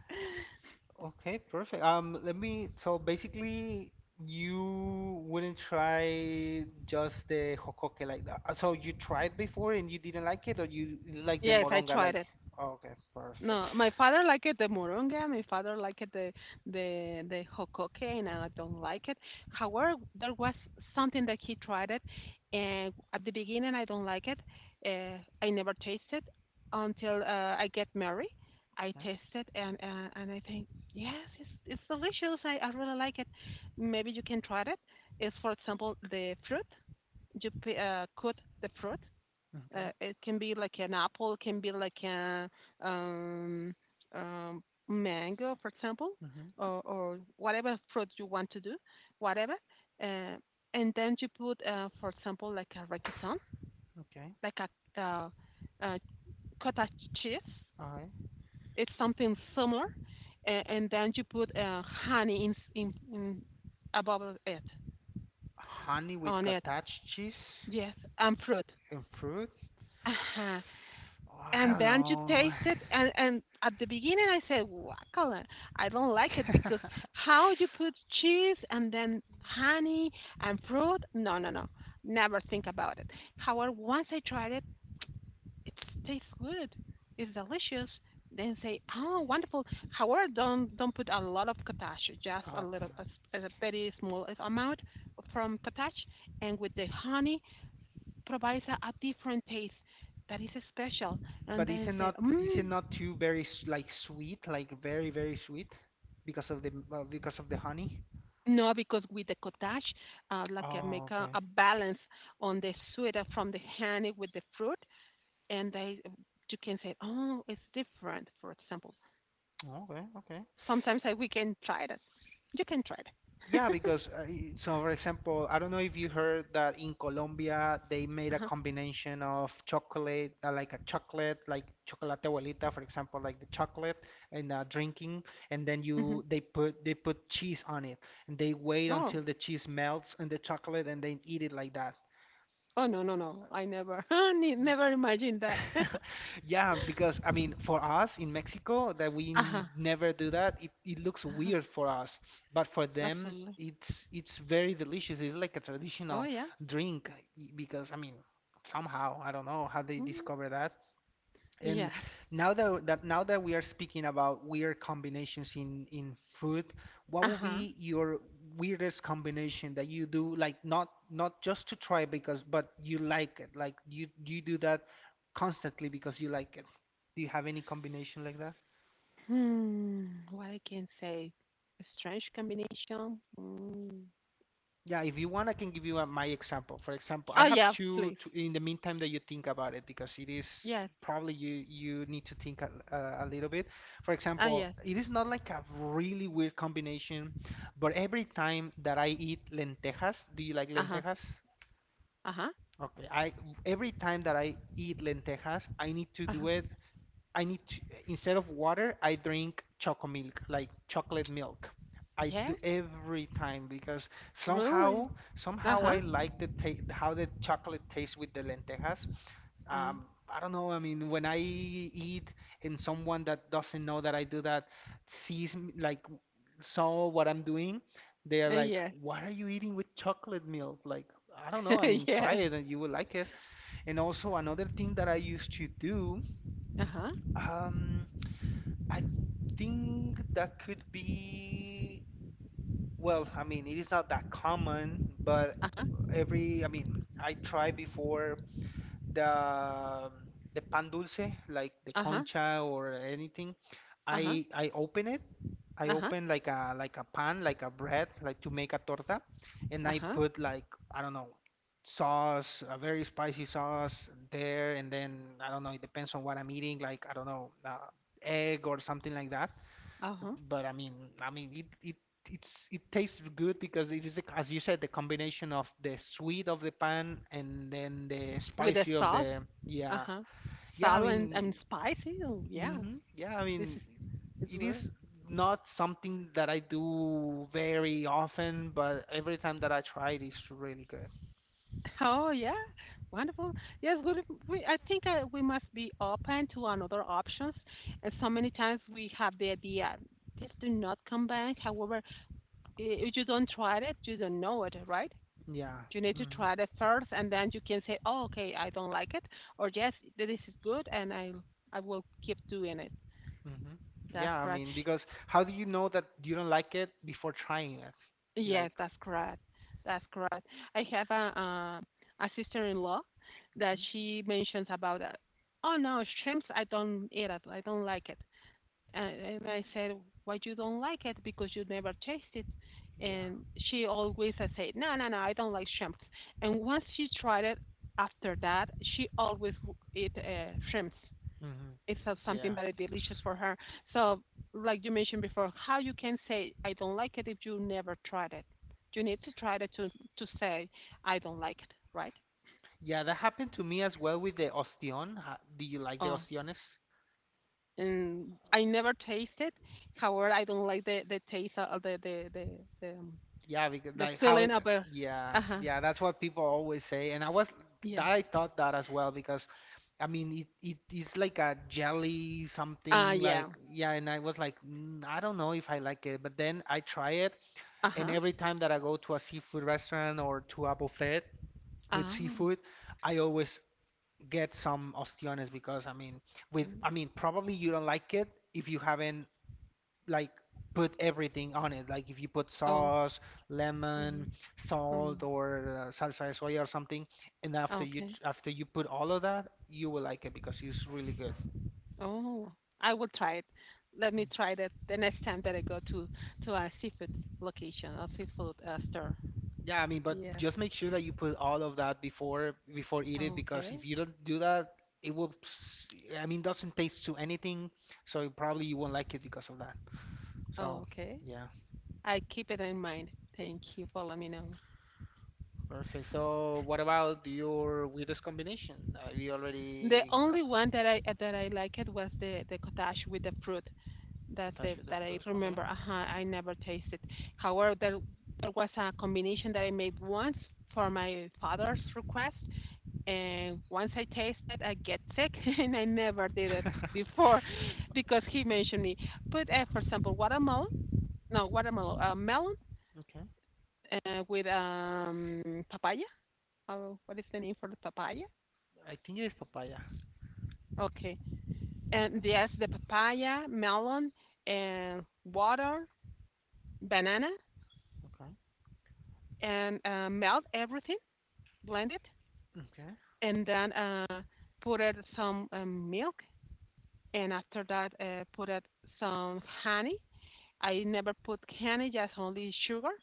Speaker 1: Okay, perfect. Let me, so basically you wouldn't try just the jocoque like that. So you tried before and you didn't like it, or you like the
Speaker 2: yes, I
Speaker 1: moronga,
Speaker 2: tried
Speaker 1: like,
Speaker 2: it.
Speaker 1: oh, okay, perfect.
Speaker 2: No, my father liked it, the moronga. My father liked the hokoke, and I don't like it. However, there was something that he tried it, and at the beginning I don't like it. Uh, I never tasted until I get married. I
Speaker 1: Okay,
Speaker 2: tasted and I think yes, it's delicious. I really like it. Maybe you can try it. It's for example the fruit. Cut the fruit
Speaker 1: okay,
Speaker 2: it can be like an apple, it can be like a um, um, mango, for example,
Speaker 1: mhm,
Speaker 2: or whatever fruit you want to do, whatever. Uh, and then you put, for example, like a requesón,
Speaker 1: okay,
Speaker 2: like a, uh cottage cheese.
Speaker 1: all right.
Speaker 2: It's something similar, and then you put honey in above it
Speaker 1: Honey with
Speaker 2: on it.
Speaker 1: cottage cheese
Speaker 2: Yes, and fruit.
Speaker 1: and fruit?
Speaker 2: Uh-huh.
Speaker 1: Oh, I
Speaker 2: And
Speaker 1: don't
Speaker 2: then you
Speaker 1: know.
Speaker 2: taste it, and at the beginning I said, "Guacala, I don't like it because how you put cheese and then honey and fruit? No, no, no, never think about it." However, once I tried it, it tastes good, it's delicious. Then say, "Oh, wonderful!" However, don't put a lot of cottage, just a little, a,
Speaker 1: Okay.
Speaker 2: s- a very small amount from cottage, and with the honey provides a different taste that is special. And
Speaker 1: But is
Speaker 2: then
Speaker 1: it
Speaker 2: say,
Speaker 1: not, is it
Speaker 2: mm,
Speaker 1: not too very s- like sweet, like very very sweet because of the honey?
Speaker 2: no, because with the cottage, like I make
Speaker 1: Oh, okay.
Speaker 2: a balance on the sweet from the honey with the fruit, and they you can say, oh, it's different. For example,
Speaker 1: Okay, okay.
Speaker 2: sometimes I, we can try that. You can try it.
Speaker 1: Yeah, because I- so for example, I don't know if you heard that in Colombia they made a
Speaker 2: Uh-huh.
Speaker 1: combination of chocolate, like a chocolate, like chocolate abuelita, for example, like the chocolate and drinking, and then
Speaker 2: hmm
Speaker 1: you they put cheese on it, and they wait until
Speaker 2: Oh,
Speaker 1: the cheese melts and the chocolate, and then eat it like that.
Speaker 2: oh no, no, no! I never, ne- never imagined that. uh
Speaker 1: Yeah, because I mean, for us in Mexico, that we
Speaker 2: huh.
Speaker 1: n- never do that, it looks
Speaker 2: Uh-huh.
Speaker 1: weird for us. But for them,
Speaker 2: Absolutely.
Speaker 1: it's very delicious. It's like a
Speaker 2: Oh
Speaker 1: traditional
Speaker 2: yeah.
Speaker 1: drink y- because I mean, somehow I don't know how they
Speaker 2: Mm.
Speaker 1: discover that, and
Speaker 2: Yes.
Speaker 1: now that, that now that we are speaking about weird combinations in food, what
Speaker 2: Uh
Speaker 1: would
Speaker 2: huh.
Speaker 1: be your weirdest combination that you do, like not just to try because but you like it, like you do that constantly because you like it. Do you have any combination like that?
Speaker 2: Hmm, what I can say? A strange combination? Mm.
Speaker 1: Yeah, if you want, I can give you a, my example. For example, I
Speaker 2: Oh,
Speaker 1: have
Speaker 2: yeah,
Speaker 1: two,
Speaker 2: please.
Speaker 1: two in the meantime that you think about it because it is
Speaker 2: Yes.
Speaker 1: probably you need to think a little bit. For
Speaker 2: Oh,
Speaker 1: example,
Speaker 2: yes.
Speaker 1: it is not like a really weird combination, but every time that I eat lentejas, do you like
Speaker 2: Uh-huh.
Speaker 1: lentejas?
Speaker 2: Uh-huh.
Speaker 1: Okay, I every time that I eat lentejas, I need to do
Speaker 2: Uh-huh.
Speaker 1: it. I need to, instead of water, I drink choco milk, like chocolate milk. I do
Speaker 2: Yes?
Speaker 1: every time because somehow
Speaker 2: Really?
Speaker 1: somehow I
Speaker 2: Uh-huh.
Speaker 1: like the ta- how the chocolate tastes with the lentejas.
Speaker 2: Uh,
Speaker 1: I don't know. I mean, when I eat and someone that doesn't know that I do that sees me, like saw what I'm doing, they are like,
Speaker 2: yes.
Speaker 1: "What are you eating with chocolate milk?" Like, I don't know. I mean, try
Speaker 2: Yes.
Speaker 1: it and you will like it. And also another thing that I used to do,
Speaker 2: Uh-huh.
Speaker 1: um, I think that could be. Well, I mean, it is not that common, but
Speaker 2: Uh-huh.
Speaker 1: every, I mean, I tried before the pan dulce, like the
Speaker 2: Uh-huh.
Speaker 1: concha or anything.
Speaker 2: Uh-huh.
Speaker 1: I open it. I
Speaker 2: Uh-huh.
Speaker 1: open like a pan, like a bread, like to make a torta, and I
Speaker 2: Uh-huh.
Speaker 1: put like I don't know sauce, a very spicy sauce there, and then I don't know. It depends on what I'm eating, like I don't know, egg or something like that. So-
Speaker 2: Uh-huh.
Speaker 1: But it it it's it tastes good because it is the, as you said, the combination of the sweet of the pan and then the
Speaker 2: With the
Speaker 1: spicy of
Speaker 2: salt?
Speaker 1: the yeah
Speaker 2: Uh-huh.
Speaker 1: yeah. I
Speaker 2: Salt
Speaker 1: mean,
Speaker 2: and spicy? Oh, yeah.
Speaker 1: hmm yeah. I
Speaker 2: This
Speaker 1: mean,
Speaker 2: is, it's
Speaker 1: it
Speaker 2: weird.
Speaker 1: is not something that I do very often, but every time that I try it, it's really good.
Speaker 2: Oh, yeah. Wonderful. Yes, good. If We, I think we must be open to another options. And so many times we have the idea, this do not come back. However, if you don't try it, you don't know it, right?
Speaker 1: Yeah.
Speaker 2: You need to
Speaker 1: Hmm.
Speaker 2: try it first, and then you can say, oh, okay, I don't like it, or yes, this is good, and I will keep doing it.
Speaker 1: Hmm.
Speaker 2: That's
Speaker 1: Yeah. I
Speaker 2: correct.
Speaker 1: mean, because how do you know that you don't like it before trying it?
Speaker 2: Yes,
Speaker 1: Like,
Speaker 2: that's correct. That's correct. I have a sister-in-law that she mentions about that. Oh no, shrimps! I don't eat it. I don't like it. And I said, why you don't like it? Because you never taste it.
Speaker 1: yeah.
Speaker 2: And she always has said, no, no, no, I don't like shrimps. And once she tried it, after that, she always eat shrimps
Speaker 1: Hmm.
Speaker 2: it's something
Speaker 1: Yeah.
Speaker 2: very delicious for her. So, like you mentioned before, how you can say I don't like it if you never tried it. You need to try it to say I don't like it, right?
Speaker 1: Yeah, that happened to me as well with the ostión. Ha- Do you like the
Speaker 2: Oh,
Speaker 1: ostiones?
Speaker 2: and I never taste it. However, I don't like the taste of the, um,
Speaker 1: Yeah, because
Speaker 2: the
Speaker 1: like how,
Speaker 2: feeling of a.
Speaker 1: yeah,
Speaker 2: Uh huh.
Speaker 1: yeah, that's what people always say. And I was, that
Speaker 2: Yes.
Speaker 1: I thought that as well because, I mean, it is like a jelly
Speaker 2: Ah,
Speaker 1: something like,
Speaker 2: yeah.
Speaker 1: yeah, and I was like, mm, I don't know if I like it. But then I try it,
Speaker 2: Uh
Speaker 1: and
Speaker 2: huh.
Speaker 1: every time that I go to a seafood restaurant or to a buffet with
Speaker 2: Ah.
Speaker 1: seafood, I always get some ostiones because, I mean, with,
Speaker 2: mm,
Speaker 1: I mean, probably you don't like it if you haven't like put everything on it. Like if you put
Speaker 2: Oh.
Speaker 1: sauce,
Speaker 2: mm,
Speaker 1: lemon,
Speaker 2: mm,
Speaker 1: salt, or salsa de soya or something, and
Speaker 2: Okay.
Speaker 1: after you put all of that, you will like it because it's really good.
Speaker 2: Oh, I will try it. Let me try that the next time that I go to a seafood location or seafood store.
Speaker 1: Yeah, I mean, but
Speaker 2: Yeah.
Speaker 1: just make sure that you put all of that before eat it because
Speaker 2: Okay.
Speaker 1: if you don't do that, it will. S- I mean, doesn't taste to anything, so it probably you won't like it because of that. So
Speaker 2: Okay.
Speaker 1: yeah.
Speaker 2: I keep it in mind. Thank you for letting me know.
Speaker 1: Perfect. So, what about your weirdest combination? You
Speaker 2: The
Speaker 1: already got
Speaker 2: only one that I liked was the cottage with the fruit. That's
Speaker 1: touch
Speaker 2: it
Speaker 1: with the
Speaker 2: that I
Speaker 1: food.
Speaker 2: remember. Uh huh. I never tasted. However, there was a combination that I made once for my father's request, and once I taste it, I get sick, and I never did it before because he mentioned me. But for example, watermelon, no, watermelon, melon
Speaker 1: Okay.
Speaker 2: with papaya. Oh, what is the name for the papaya?
Speaker 1: I think it is papaya.
Speaker 2: Okay. And yes, the papaya, melon, and water, banana,
Speaker 1: Okay.
Speaker 2: and melt everything, blend it,
Speaker 1: Okay.
Speaker 2: and then put it some milk, and after that, put it some honey, I never put candy, just only sugar.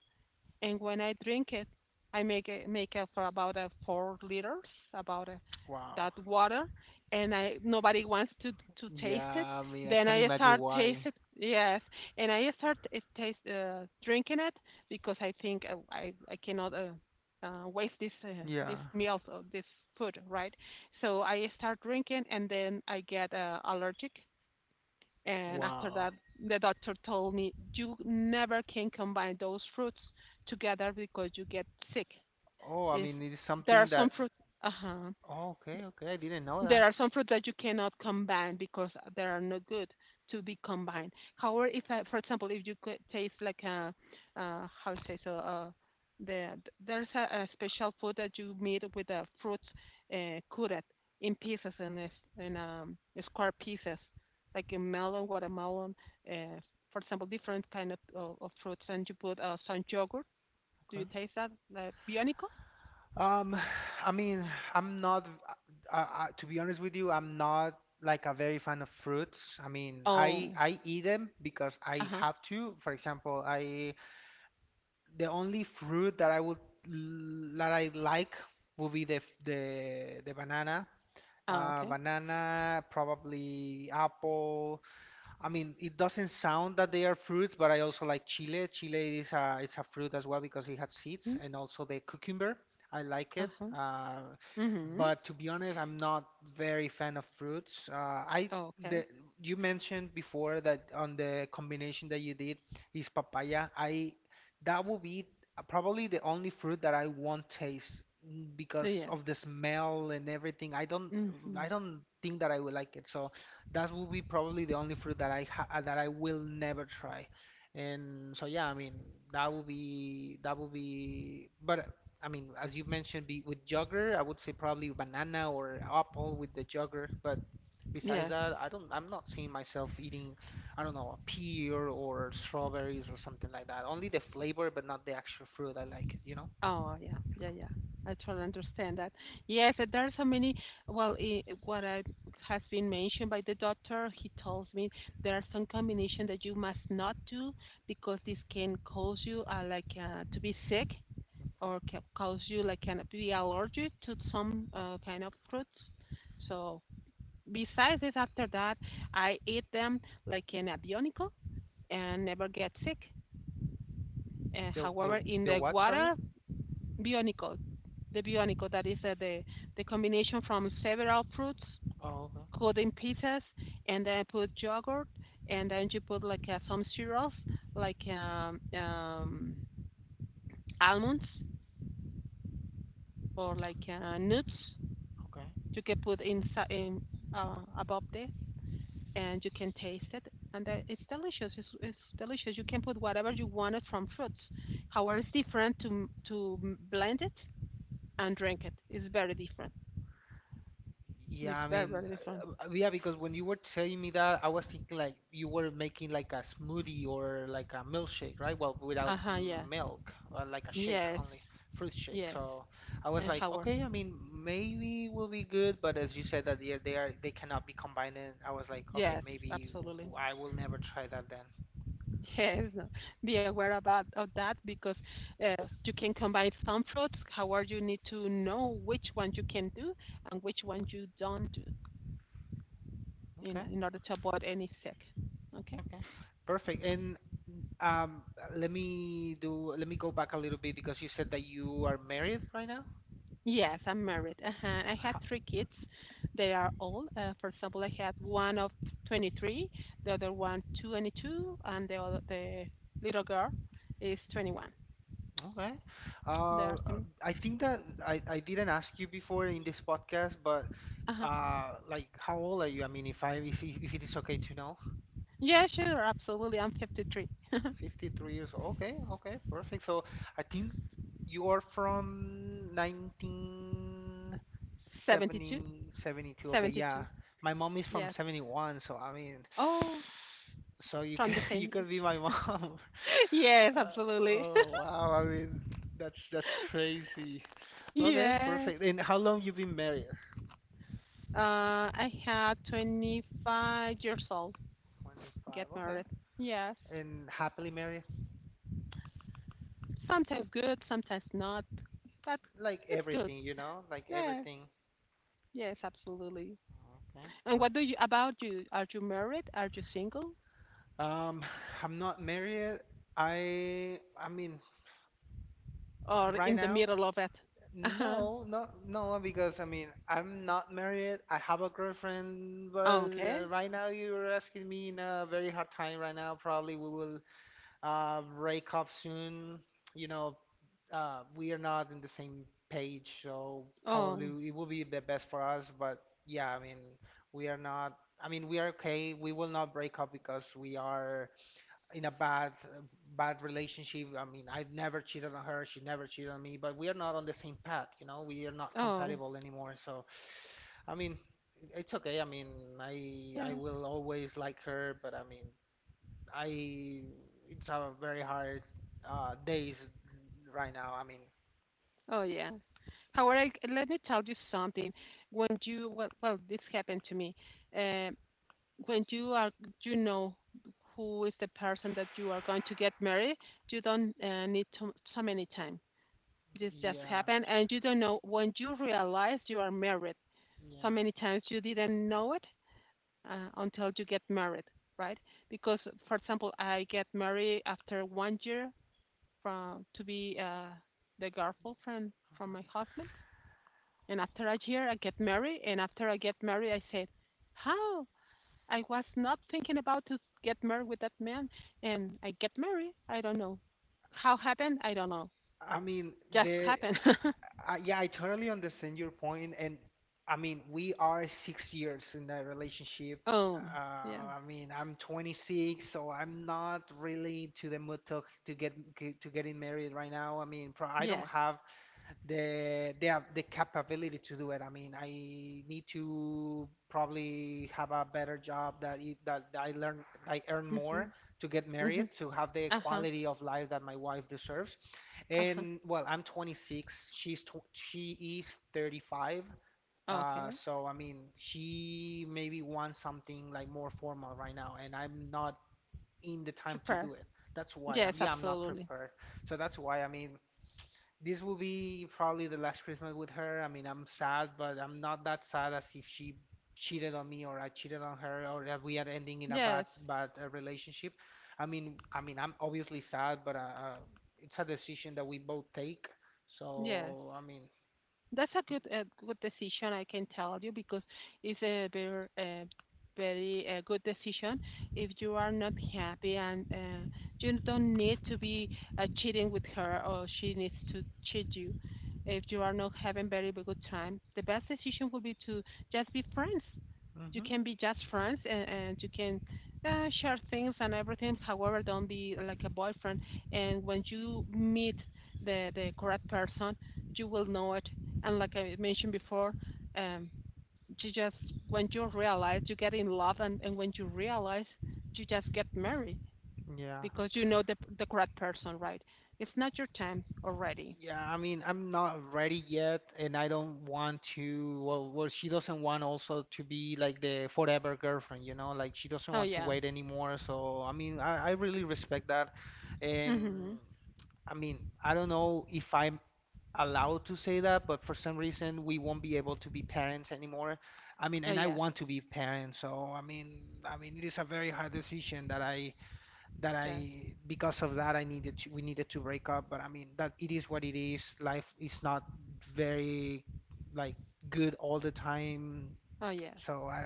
Speaker 2: And when I drink it, I make it for about 4 liters, about
Speaker 1: Wow.
Speaker 2: that water. And I nobody wants to taste it.
Speaker 1: Yeah, I mean, I
Speaker 2: Then
Speaker 1: can't
Speaker 2: I
Speaker 1: imagine
Speaker 2: start taste
Speaker 1: why.
Speaker 2: it, yes. And I start taste drinking it because I think I cannot. Waste this this
Speaker 1: Yeah.
Speaker 2: meals or this food, right? So I start drinking, and then I get allergic and after
Speaker 1: Wow.
Speaker 2: that, the doctor told me, you never can combine those fruits together because you get sick.
Speaker 1: Oh, I
Speaker 2: If
Speaker 1: mean, it's
Speaker 2: there
Speaker 1: something
Speaker 2: are some
Speaker 1: that.
Speaker 2: fruits, uh huh
Speaker 1: Oh, okay, okay. I didn't know
Speaker 2: there
Speaker 1: that.
Speaker 2: are some fruits that you cannot combine because they are not good to be combined. However, if I, for example, if you could taste like a, how you say so, the, there's a special food that you made with the fruits cut in pieces in square pieces, like a melon, watermelon, uh, for example, different kind of fruits, and you put some yogurt. Do you
Speaker 1: Okay.
Speaker 2: taste that, like bionico?
Speaker 1: Um, I mean, I'm not. I, to be honest with you, I'm not like a very fan of fruits. I mean,
Speaker 2: Oh,
Speaker 1: I eat them because
Speaker 2: uh
Speaker 1: I
Speaker 2: huh.
Speaker 1: have to. For example, I the only fruit that I would l- that I like would be the f- the banana.
Speaker 2: Oh, okay.
Speaker 1: Banana, probably apple, I mean, it doesn't sound that they are fruits, but I also like chile. Chile is a it's a fruit as well because it has seeds,
Speaker 2: Mm,
Speaker 1: and also the cucumber. I like
Speaker 2: uh
Speaker 1: it.
Speaker 2: huh. Mhm.
Speaker 1: But to be honest, I'm not very fan of fruits. I
Speaker 2: Oh, okay.
Speaker 1: the you mentioned before that on the combination that you did is papaya. I that would be probably the only fruit that I won't taste mm, because
Speaker 2: Yeah.
Speaker 1: of the smell and everything. I don't
Speaker 2: Mm-hmm.
Speaker 1: think that I would like it. So that will be probably the only fruit that I ha that I will never try. And so yeah, I mean that will be. But I mean, as you mentioned, be with jogger, I would say probably banana or apple with the jogger. But besides
Speaker 2: Yes.
Speaker 1: that, I don't. I'm not seeing myself eating. I don't know, a pear or strawberries or something like that. Only the flavor, but not the actual fruit. I like it. You know.
Speaker 2: Oh, yeah. Yeah, yeah, I totally understand that. Yes, and there are so many. Well, i what I, has been mentioned by the doctor. He tells me there are some combination that you must not do because this can cause you like to be sick or
Speaker 1: Okay.
Speaker 2: can cause you like kind of be allergic to some kind of fruits. So besides this, after that, I eat them like an abionico and never get sick.
Speaker 1: The the
Speaker 2: However, in
Speaker 1: the
Speaker 2: the
Speaker 1: what? Sorry.
Speaker 2: water bionicle, the bionicle that is the combination from several fruits,
Speaker 1: Oh, okay.
Speaker 2: cut in pieces, and then put yogurt, and then you put like some cereals like almonds or like nuts.
Speaker 1: Okay.
Speaker 2: You can put inside in, above this, and you can taste it, and it's delicious. It's delicious. You can put whatever you wanted from fruits. However, it's different to blend it and drink it. It's very different.
Speaker 1: Yeah,
Speaker 2: It's
Speaker 1: I
Speaker 2: very,
Speaker 1: mean,
Speaker 2: very different.
Speaker 1: yeah, because when you were telling me that, I was thinking like you were making like a smoothie or like a milkshake, right? Well, without
Speaker 2: Uh huh. Yeah.
Speaker 1: milk, like a shake
Speaker 2: Yes.
Speaker 1: only, fruit shake.
Speaker 2: Yes.
Speaker 1: So I was
Speaker 2: And
Speaker 1: like,
Speaker 2: howard.
Speaker 1: okay, I mean, maybe will be good, but as you said that they cannot be combined. In, I was like, okay,
Speaker 2: Yes.
Speaker 1: maybe w-
Speaker 2: Absolutely.
Speaker 1: I will never try that then.
Speaker 2: Yes. No. Be aware about of that because you can combine some fruits. However, you need to know which one you can do and which one you don't do
Speaker 1: Okay,
Speaker 2: in order to avoid any sick. Okay.
Speaker 1: okay, perfect. And um, let me go back a little bit because you said that you are married right now.
Speaker 2: Yes, I'm married. Uh-huh. I had three kids. They are old. For example, I had one of 23, the other one 22, and the little girl is 21.
Speaker 1: Okay.
Speaker 2: They
Speaker 1: Uh,
Speaker 2: are 20.
Speaker 1: I think that I didn't ask you before in this podcast, but
Speaker 2: Uh-huh.
Speaker 1: like, how old are you? I mean, if I if it is okay to know,
Speaker 2: Yeah, sure, absolutely. I'm 53.
Speaker 1: 53 years old. Okay, okay, perfect. So I think you are from nineteen
Speaker 2: 72,
Speaker 1: seventy two. Okay, yeah.
Speaker 2: 72.
Speaker 1: My mom is from
Speaker 2: Yes.
Speaker 1: 71, so I mean,
Speaker 2: Oh,
Speaker 1: so you
Speaker 2: from
Speaker 1: can
Speaker 2: the
Speaker 1: you
Speaker 2: same
Speaker 1: can be my
Speaker 2: age.
Speaker 1: mom.
Speaker 2: Yes,
Speaker 1: Uh,
Speaker 2: absolutely.
Speaker 1: oh wow, I mean, that's crazy. Okay,
Speaker 2: Yes.
Speaker 1: perfect. And how long you been married?
Speaker 2: I had 25 years old. Get
Speaker 1: 25. Okay.
Speaker 2: married. Yes.
Speaker 1: And happily married?
Speaker 2: Sometimes good, sometimes not, but
Speaker 1: Like
Speaker 2: it's good.
Speaker 1: everything, you know? Like
Speaker 2: Yeah.
Speaker 1: everything.
Speaker 2: Yes, absolutely.
Speaker 1: Okay,
Speaker 2: And what
Speaker 1: perfect.
Speaker 2: do you about you? Are you married? Are you single?
Speaker 1: Um, I'm not married. I mean,
Speaker 2: Or
Speaker 1: right
Speaker 2: in the
Speaker 1: now,
Speaker 2: middle of it? Uh-huh.
Speaker 1: no, no, no, because I mean, I'm not married. I have a girlfriend, but
Speaker 2: Okay.
Speaker 1: right now you're asking me in a very hard time right now. Probably we will break up soon. You know, we are not in the same page, so
Speaker 2: Oh.
Speaker 1: probably it will be the best for us. But yeah, I mean, we are not. I mean, we are okay. We will not break up because we are in a bad, bad relationship. I mean, I've never cheated on her. She never cheated on me. But we are not on the same path. You know, we are not
Speaker 2: Oh.
Speaker 1: compatible anymore. So, I mean, it's okay. I mean, I
Speaker 2: Yes.
Speaker 1: will always like her, but I mean, I it's a very hard days right now. I mean,
Speaker 2: Oh yeah. However, let me tell you something. When you this happened to me. Um, when you are, you know, who is the person that you are going to get married, you don't need to, so many time. This just
Speaker 1: yeah,
Speaker 2: happened and you don't know when you realize you are married. So
Speaker 1: yeah.
Speaker 2: many times you didn't know it until you get married, right? Because for example, I get married after 1 year from to be the girlfriend from my husband, and after a year I get married, and after I get married I said, how? I was not thinking about to get married with that man, and I get married. I don't know how happened. I don't know,
Speaker 1: I mean,
Speaker 2: just
Speaker 1: the
Speaker 2: happened.
Speaker 1: I, yeah, I totally understand your point, and I mean, we are 6 years in that relationship.
Speaker 2: Oh,
Speaker 1: Uh,
Speaker 2: yeah.
Speaker 1: I mean, I'm 26, so I'm not really to the mood to get to getting married right now. I mean, I don't
Speaker 2: Yes.
Speaker 1: have they have the capability to do it. I mean, I need to probably have a better job that it, that I earn more
Speaker 2: Mhm.
Speaker 1: to get married
Speaker 2: Mhm.
Speaker 1: to have the
Speaker 2: Uh-huh.
Speaker 1: quality of life that my wife deserves.
Speaker 2: Uh-huh.
Speaker 1: And well, I'm 26. She is 35.
Speaker 2: Okay.
Speaker 1: So I mean, she maybe wants something like more formal right now, and I'm not in the time to
Speaker 2: Prepare.
Speaker 1: do it. That's why I'm
Speaker 2: Yes,
Speaker 1: yeah, I'm not
Speaker 2: absolutely.
Speaker 1: prepared. So that's why I mean, this will be probably the last Christmas with her. I mean, I'm sad, but I'm not that sad as if she cheated on me or I cheated on her or that we are ending in a bad
Speaker 2: Yes.
Speaker 1: bad relationship. I mean, I'm obviously sad, but it's a decision that we both take.
Speaker 2: Yes.
Speaker 1: So, I mean,
Speaker 2: That's a good decision, I can tell you, because it's a very good decision. If you are not happy and you don't need to be cheating with her, or she needs to cheat you. If you are not having very good time, the best decision would be to just be friends. You
Speaker 1: mhm,
Speaker 2: can be just friends, and you can share things and everything. However, don't be like a boyfriend. And when you meet the correct person, you will know it. And like I mentioned before, um, you just, when you realize, you get in love, and when you realize, you just get married,
Speaker 1: yeah.
Speaker 2: because you know the correct person, right? It's not your time already.
Speaker 1: Yeah, I mean, I'm not ready yet, and I don't want to. Well, she doesn't want also to be like the forever girlfriend, like she doesn't
Speaker 2: Oh
Speaker 1: want to
Speaker 2: yeah.
Speaker 1: wait anymore. So, I mean, I really respect that. And
Speaker 2: Mhm.
Speaker 1: I mean, I don't know if I'm allowed to say that, but for some reason, we won't be able to be parents anymore. I mean,
Speaker 2: Oh
Speaker 1: and I
Speaker 2: yes.
Speaker 1: want to be parents, so I mean, it is a very hard decision that
Speaker 2: Yes.
Speaker 1: I because of that I needed to we needed to break up. But I mean that it is what it is. Life is not very, like, good all the time.
Speaker 2: Oh yes.
Speaker 1: So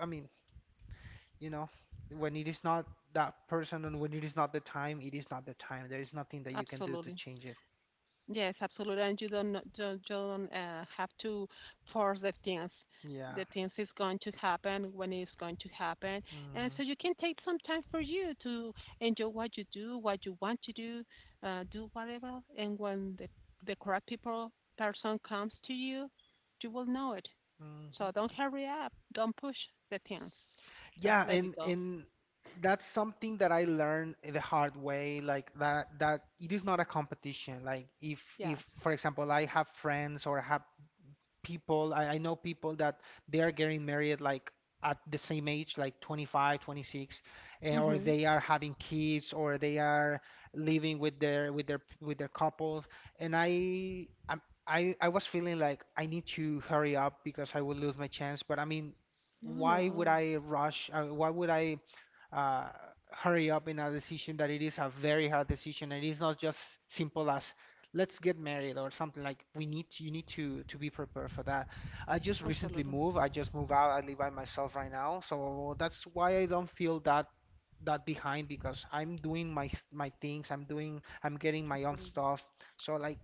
Speaker 1: I mean, you know, when it is not that person and when it is not the time, it is not the time. There is nothing that you can do to
Speaker 2: Absolutely.
Speaker 1: change it.
Speaker 2: Yes, absolutely. And you don't have to force the things.
Speaker 1: Yeah.
Speaker 2: The things is going to happen when it's going to happen, and
Speaker 1: Mm,
Speaker 2: so you can take some time for you to enjoy what you do, what you want to do, do whatever. And when the correct people person comes to you, you will know it. So
Speaker 1: mhm.
Speaker 2: don't hurry up. Don't push the things. Just
Speaker 1: Yeah,
Speaker 2: let it
Speaker 1: and
Speaker 2: go.
Speaker 1: and that's something that I learned the hard way, like that it is not a competition. Like if
Speaker 2: Yes.
Speaker 1: if for example I have friends or have people I know people that they are getting married like at the same age, like 25, 26, or
Speaker 2: Mhm.
Speaker 1: they are having kids or they are living with their with their with their couples, and I was feeling like I need to hurry up because I will lose my chance, but I mean,
Speaker 2: No, no, no.
Speaker 1: why would I uh, hurry up in a decision that it is a very hard decision. It is not just simple as let's get married or something. Like we need to, you need to be prepared for that. I just recently
Speaker 2: Absolutely.
Speaker 1: moved. I just moved out. I live by myself right now, so that's why I don't feel that behind because I'm doing my things. I'm getting my own
Speaker 2: Absolutely.
Speaker 1: stuff. So like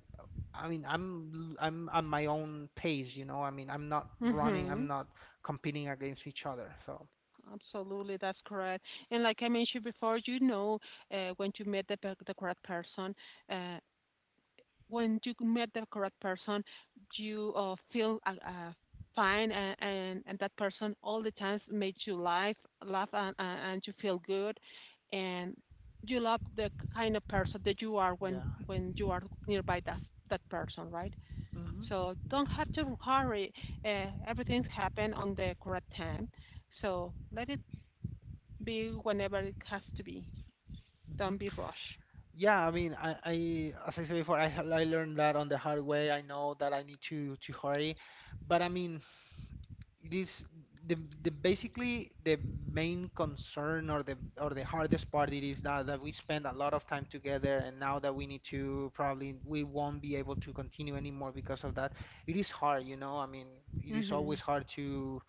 Speaker 1: I mean, I'm on my own pace, you know, I mean, I'm not running, I'm
Speaker 2: Mhm.
Speaker 1: not competing against each other. So.
Speaker 2: Absolutely, that's correct. And like I mentioned before, you know, when you met the correct person, uh, when you met the correct person, you feel fine, and and that person all the times made you laugh, laugh, and you feel good, and you love the kind of person that you are when
Speaker 1: Yeah.
Speaker 2: you are nearby that person, right?
Speaker 1: Hmm.
Speaker 2: So don't
Speaker 1: Yeah.
Speaker 2: have to hurry. Everything's happened on the correct time. So let it be whenever it has to be. Don't be
Speaker 1: Hmm.
Speaker 2: rushed.
Speaker 1: Yeah, I mean, I as I said before, I learned that on the hard way. I know that I need to hurry, but I mean, it is the, the basically the main concern or the hardest part, it is that we spend a lot of time together, and now that we need to probably, we won't be able to continue anymore because of that. It is hard, you know, I mean, it is
Speaker 2: Mm-hmm.
Speaker 1: always hard to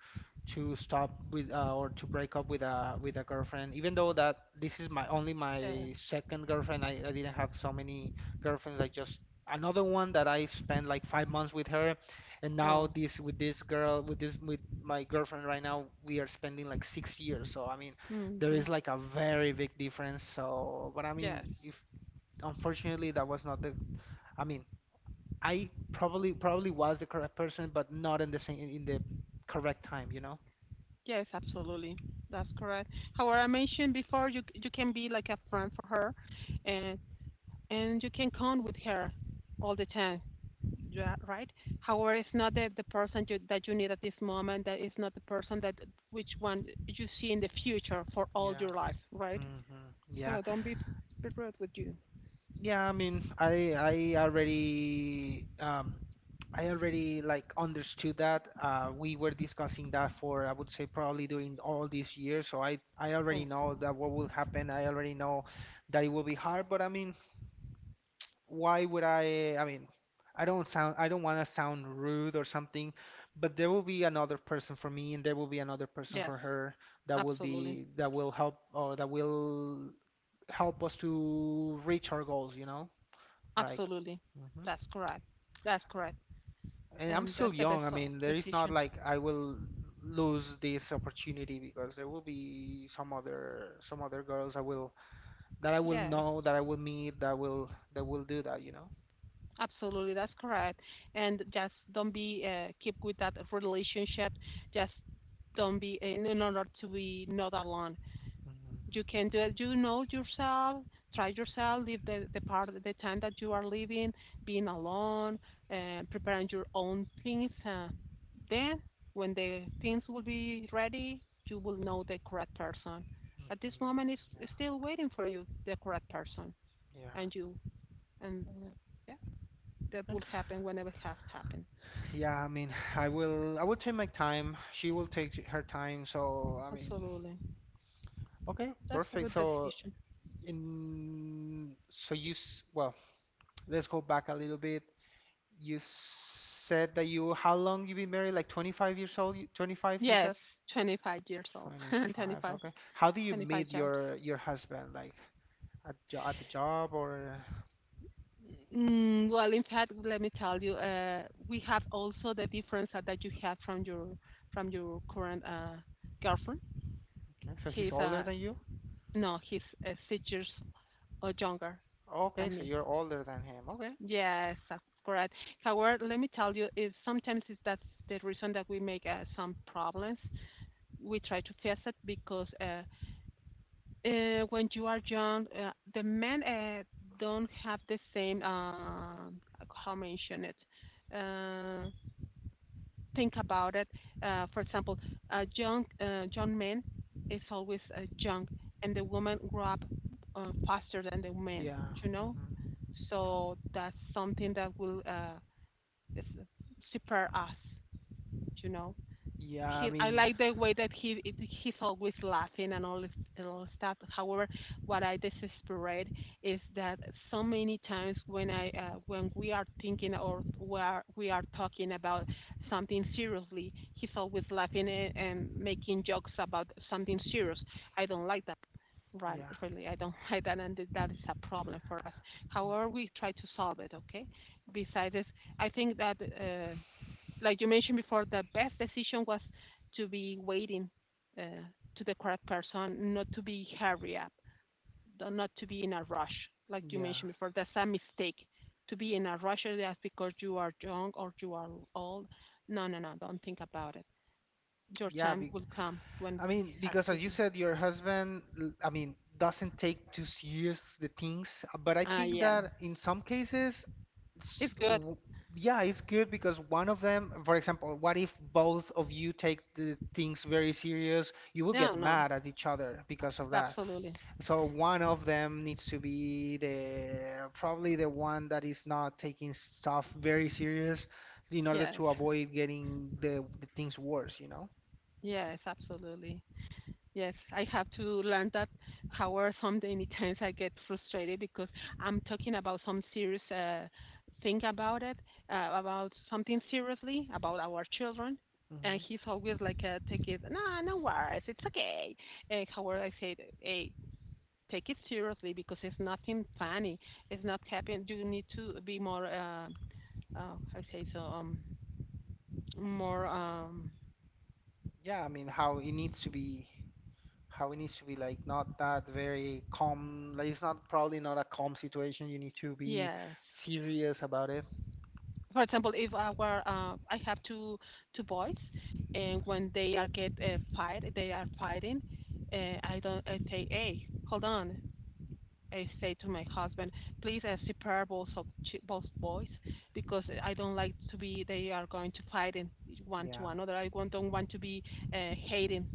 Speaker 1: stop with, or to break up with a girlfriend, even though that this is
Speaker 2: Yes.
Speaker 1: my second girlfriend. I didn't have so many girlfriends. I just, another one that I spent like 5 months with her, and now
Speaker 2: Oh.
Speaker 1: this with this girl with this with my girlfriend right now, we are spending like 6 years, so I mean, there
Speaker 2: Mm-hmm.
Speaker 1: is like a very big difference. So, but I
Speaker 2: Yes.
Speaker 1: mean, if, unfortunately that was not the, I mean, I probably was the correct person, but not in the same, in the correct time, you know.
Speaker 2: Yes, absolutely. That's correct. However, I mentioned before, you can be like a friend for her, and and you can count with her all the time. Yeah, right. However, it's not that the person that you need at this moment. That is not the person that which one you see in the future for all
Speaker 1: Yeah.
Speaker 2: your life, right?
Speaker 1: Hmm. Yeah.
Speaker 2: So don't be rude with you.
Speaker 1: Yeah, I mean, I already like understood that. We were discussing that for, I would say probably during all this year, so I
Speaker 2: Oh,
Speaker 1: already know
Speaker 2: okay.
Speaker 1: that what will happen. I already know that it will be hard, but I mean, why would I mean, I don't want to sound rude or something, but there will be another person for me, and there will be another person
Speaker 2: Yes.
Speaker 1: for her that will
Speaker 2: Absolutely.
Speaker 1: be that will help, or that will help us to reach our goals, you know? Like,
Speaker 2: Absolutely.
Speaker 1: mhm.
Speaker 2: That's correct. That's correct.
Speaker 1: And I'm
Speaker 2: And
Speaker 1: still
Speaker 2: that's the best
Speaker 1: young. I
Speaker 2: of
Speaker 1: mean, there is not
Speaker 2: decision.
Speaker 1: like I will lose this opportunity because there will be some other girls I will that I will
Speaker 2: Yes.
Speaker 1: know, that I will meet, that will do that, you know?
Speaker 2: Absolutely. That's correct. And just don't be keep with that relationship. Just don't be in order to be not alone.
Speaker 1: Mhm,
Speaker 2: You can do it. You know yourself. Try yourself. Live the part of the time that you are living, being alone, preparing your own things. Then, when the things will be ready, you will know the correct person. At this
Speaker 1: mhm.
Speaker 2: moment, it's
Speaker 1: Yeah,
Speaker 2: still waiting for you, the correct person,
Speaker 1: yeah.
Speaker 2: and you. And yeah, that will happen whenever it has happened.
Speaker 1: Yeah, I mean, I will take my time. She will take her time. So, I mean,
Speaker 2: Absolutely.
Speaker 1: okay,
Speaker 2: That's a
Speaker 1: perfect.
Speaker 2: good
Speaker 1: So,
Speaker 2: decision.
Speaker 1: in well, let's go back a little bit. You said that you, how long you been married? Like 25 years old? 25, you
Speaker 2: Yes,
Speaker 1: said?
Speaker 2: 25 years old.
Speaker 1: 25,
Speaker 2: 25,
Speaker 1: okay. How do you
Speaker 2: 25
Speaker 1: meet
Speaker 2: years.
Speaker 1: your husband? Like at the job, or,
Speaker 2: Mm, well, in fact, let me tell you, we have also the difference that you have from your current girlfriend.
Speaker 1: okay, so he's
Speaker 2: He's
Speaker 1: older than you?
Speaker 2: no, he's 6 years or younger
Speaker 1: Okay,
Speaker 2: than
Speaker 1: so
Speaker 2: me.
Speaker 1: you're older than him. Okay.
Speaker 2: Yes, that's correct. However, let me tell you, is sometimes is that's the reason that we make some problems. We try to fix it because when you are young, the men don't have the same. How mention it? Uh, think about it. For example, young men is always young, and the women grow up faster than the men.
Speaker 1: Yeah.
Speaker 2: You know,
Speaker 1: Hmm.
Speaker 2: so that's something that will is- prepare us. You know,
Speaker 1: Yeah, I
Speaker 2: he I
Speaker 1: mean,
Speaker 2: like the way that he it- he's always laughing and all this and all stuff. However, what I desperate is that so many times when I when we are thinking or we are talking about something seriously, he's always laughing and making jokes about something serious. I don't like that. Right,
Speaker 1: yeah.
Speaker 2: really, I don't like that, and that is a problem for us. However, we try to solve it. Okay. Besides, I think that. Like you mentioned before, the best decision was to be waiting uh, to the correct person, not to be hurry up, not to be in a rush. Like you
Speaker 1: Yeah.
Speaker 2: mentioned before, that's a mistake to be in a rush. That's because you are young or you are old. No, no, no. Don't think about it. Your
Speaker 1: Yeah,
Speaker 2: time
Speaker 1: be
Speaker 2: will come when
Speaker 1: I mean,
Speaker 2: it has
Speaker 1: because
Speaker 2: to
Speaker 1: as you
Speaker 2: be.
Speaker 1: said, your husband, I mean, doesn't take too serious the things, but I
Speaker 2: Ah,
Speaker 1: think
Speaker 2: yeah.
Speaker 1: that in some cases, s-
Speaker 2: It's good.
Speaker 1: w- yeah, it's good because one of them, for example, what if both of you take the things very serious? You will get
Speaker 2: No, no.
Speaker 1: mad at each other because of that.
Speaker 2: Absolutely.
Speaker 1: So one of them needs to be the probably the one that is not taking stuff very serious in order
Speaker 2: Yes.
Speaker 1: to avoid getting the things worse, you know?
Speaker 2: Yes, absolutely. Yes, I have to learn that. However, some many times I get frustrated because I'm talking about some serious thing about it, about something seriously about our children, and he's always like, "Take it, no, no worries, it's okay." And however, I said, "Hey, take it seriously because it's nothing funny. It's not happening. You need to be more, I say so, more,
Speaker 1: Yeah, I mean, how it needs to be, like, not that very calm. Like it's not probably not a calm situation. You need to be
Speaker 2: yes."
Speaker 1: serious about it.
Speaker 2: For example, if our I have two boys, and when they are get a fight, they are fighting. I don't. I say, hey, hold on. I say to my husband, please separate both boys because I don't like to be. They are going to fight in one to
Speaker 1: Yeah,
Speaker 2: another. Don't want to be hating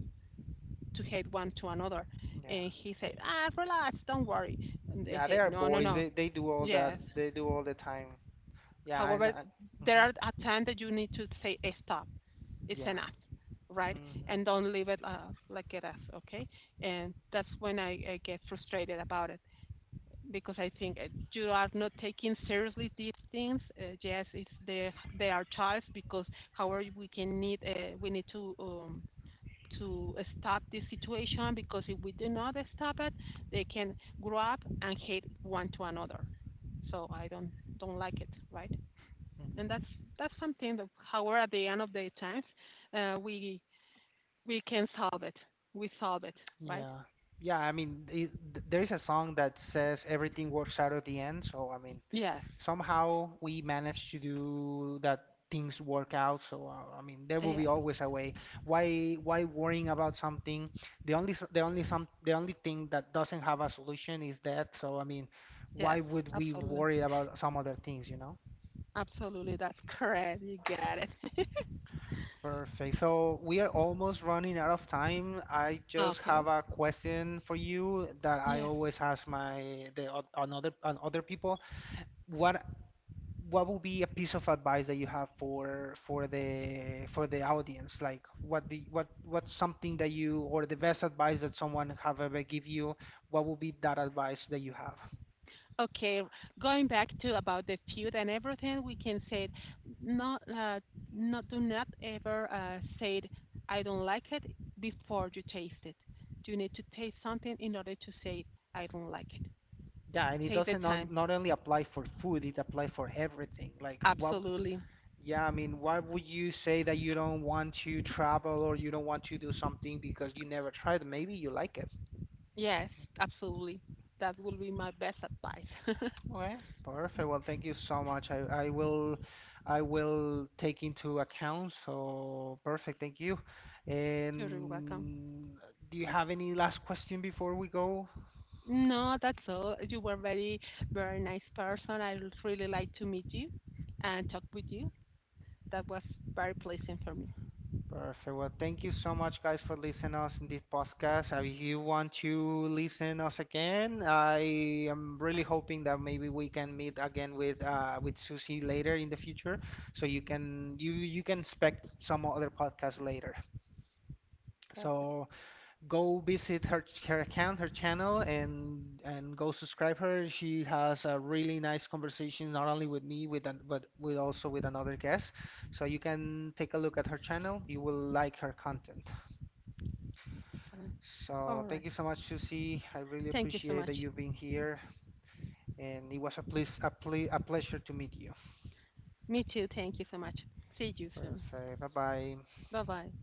Speaker 2: to hate one to another.
Speaker 1: yeah.
Speaker 2: And he said, ah, relax, don't worry. And I
Speaker 1: Yeah, they
Speaker 2: said,
Speaker 1: are
Speaker 2: no, no,
Speaker 1: boys.
Speaker 2: no.
Speaker 1: They do all that.
Speaker 2: Yes,
Speaker 1: They do all the time. Yeah, I know.
Speaker 2: however, there
Speaker 1: Hmm.
Speaker 2: are at times that you need to say, "Eh, stop. It's
Speaker 1: Yeah.
Speaker 2: enough, right?
Speaker 1: Hmm.
Speaker 2: And don't leave it like it is, okay?" And that's when I get frustrated about it because I think you are not taking seriously these things. Yes, it's they are childs because however we need to stop this situation, because if we do not stop it, they can grow up and hate one to another. So I don't like it, right? And
Speaker 1: Hmm.
Speaker 2: that's something that however at the end of the times uh, we we can solve it we solve it, right?
Speaker 1: Yeah. Yeah, I mean, there is a song that says everything works out at the end. So, I mean,
Speaker 2: Yes,
Speaker 1: somehow we managed to do that, things work out. So, I mean, there will be
Speaker 2: yes,
Speaker 1: always a way. Why worrying about something? The only s- the only some The only thing that doesn't have a solution is death. So I mean, why
Speaker 2: yes,
Speaker 1: would we
Speaker 2: absolutely,
Speaker 1: worry about some other things, you know?
Speaker 2: absolutely, that's correct, you got it.
Speaker 1: Perfect. So we are almost running out of time. I just
Speaker 2: Okay,
Speaker 1: have a question for you that I
Speaker 2: yes,
Speaker 1: always ask on other people. What what will be a piece of advice that you have for for the audience? Like what the what what's something that you, or the best advice that someone have ever give you? What would be that advice that you have?
Speaker 2: okay, going back to about the food and everything, we can say, not do not ever say I don't like it before you taste it. You need to taste something in order to say I don't like it.
Speaker 1: Yeah, and it
Speaker 2: Take the
Speaker 1: doesn't
Speaker 2: time,
Speaker 1: not only apply for food, it applies for everything. Like what,
Speaker 2: absolutely.
Speaker 1: yeah, I mean, why would you say that you don't want to travel or you don't want to do something because you never tried? Maybe you like it.
Speaker 2: Yes, absolutely. That will be my best advice.
Speaker 1: Okay, perfect. Well, thank you so much. I will take into account. So perfect. Thank you.
Speaker 2: You're welcome.
Speaker 1: And do you have any last question before we go?
Speaker 2: No, that's all. You were very, very nice person. I would really like to meet you and talk with you. That was very pleasant for me.
Speaker 1: Perfect. Well, thank you so much, guys, for listening us in this podcast. If you want to listen us again, I am really hoping that maybe we can meet again with Susie later in the future, so you can, you can expect some other podcast later. So. Go visit her account, her channel, and go subscribe her. She has a really nice conversation not only with me, but with also with another guest. So you can take a look at her channel. You will like her content.
Speaker 2: So,
Speaker 1: So
Speaker 2: all right.
Speaker 1: thank you so much, Susie. I really
Speaker 2: Thank you so
Speaker 1: appreciate
Speaker 2: much.
Speaker 1: that you've been here, and it was a pleasure to meet you.
Speaker 2: Me too. Thank you so much. See you soon.
Speaker 1: Perfect. Bye bye.
Speaker 2: Bye bye.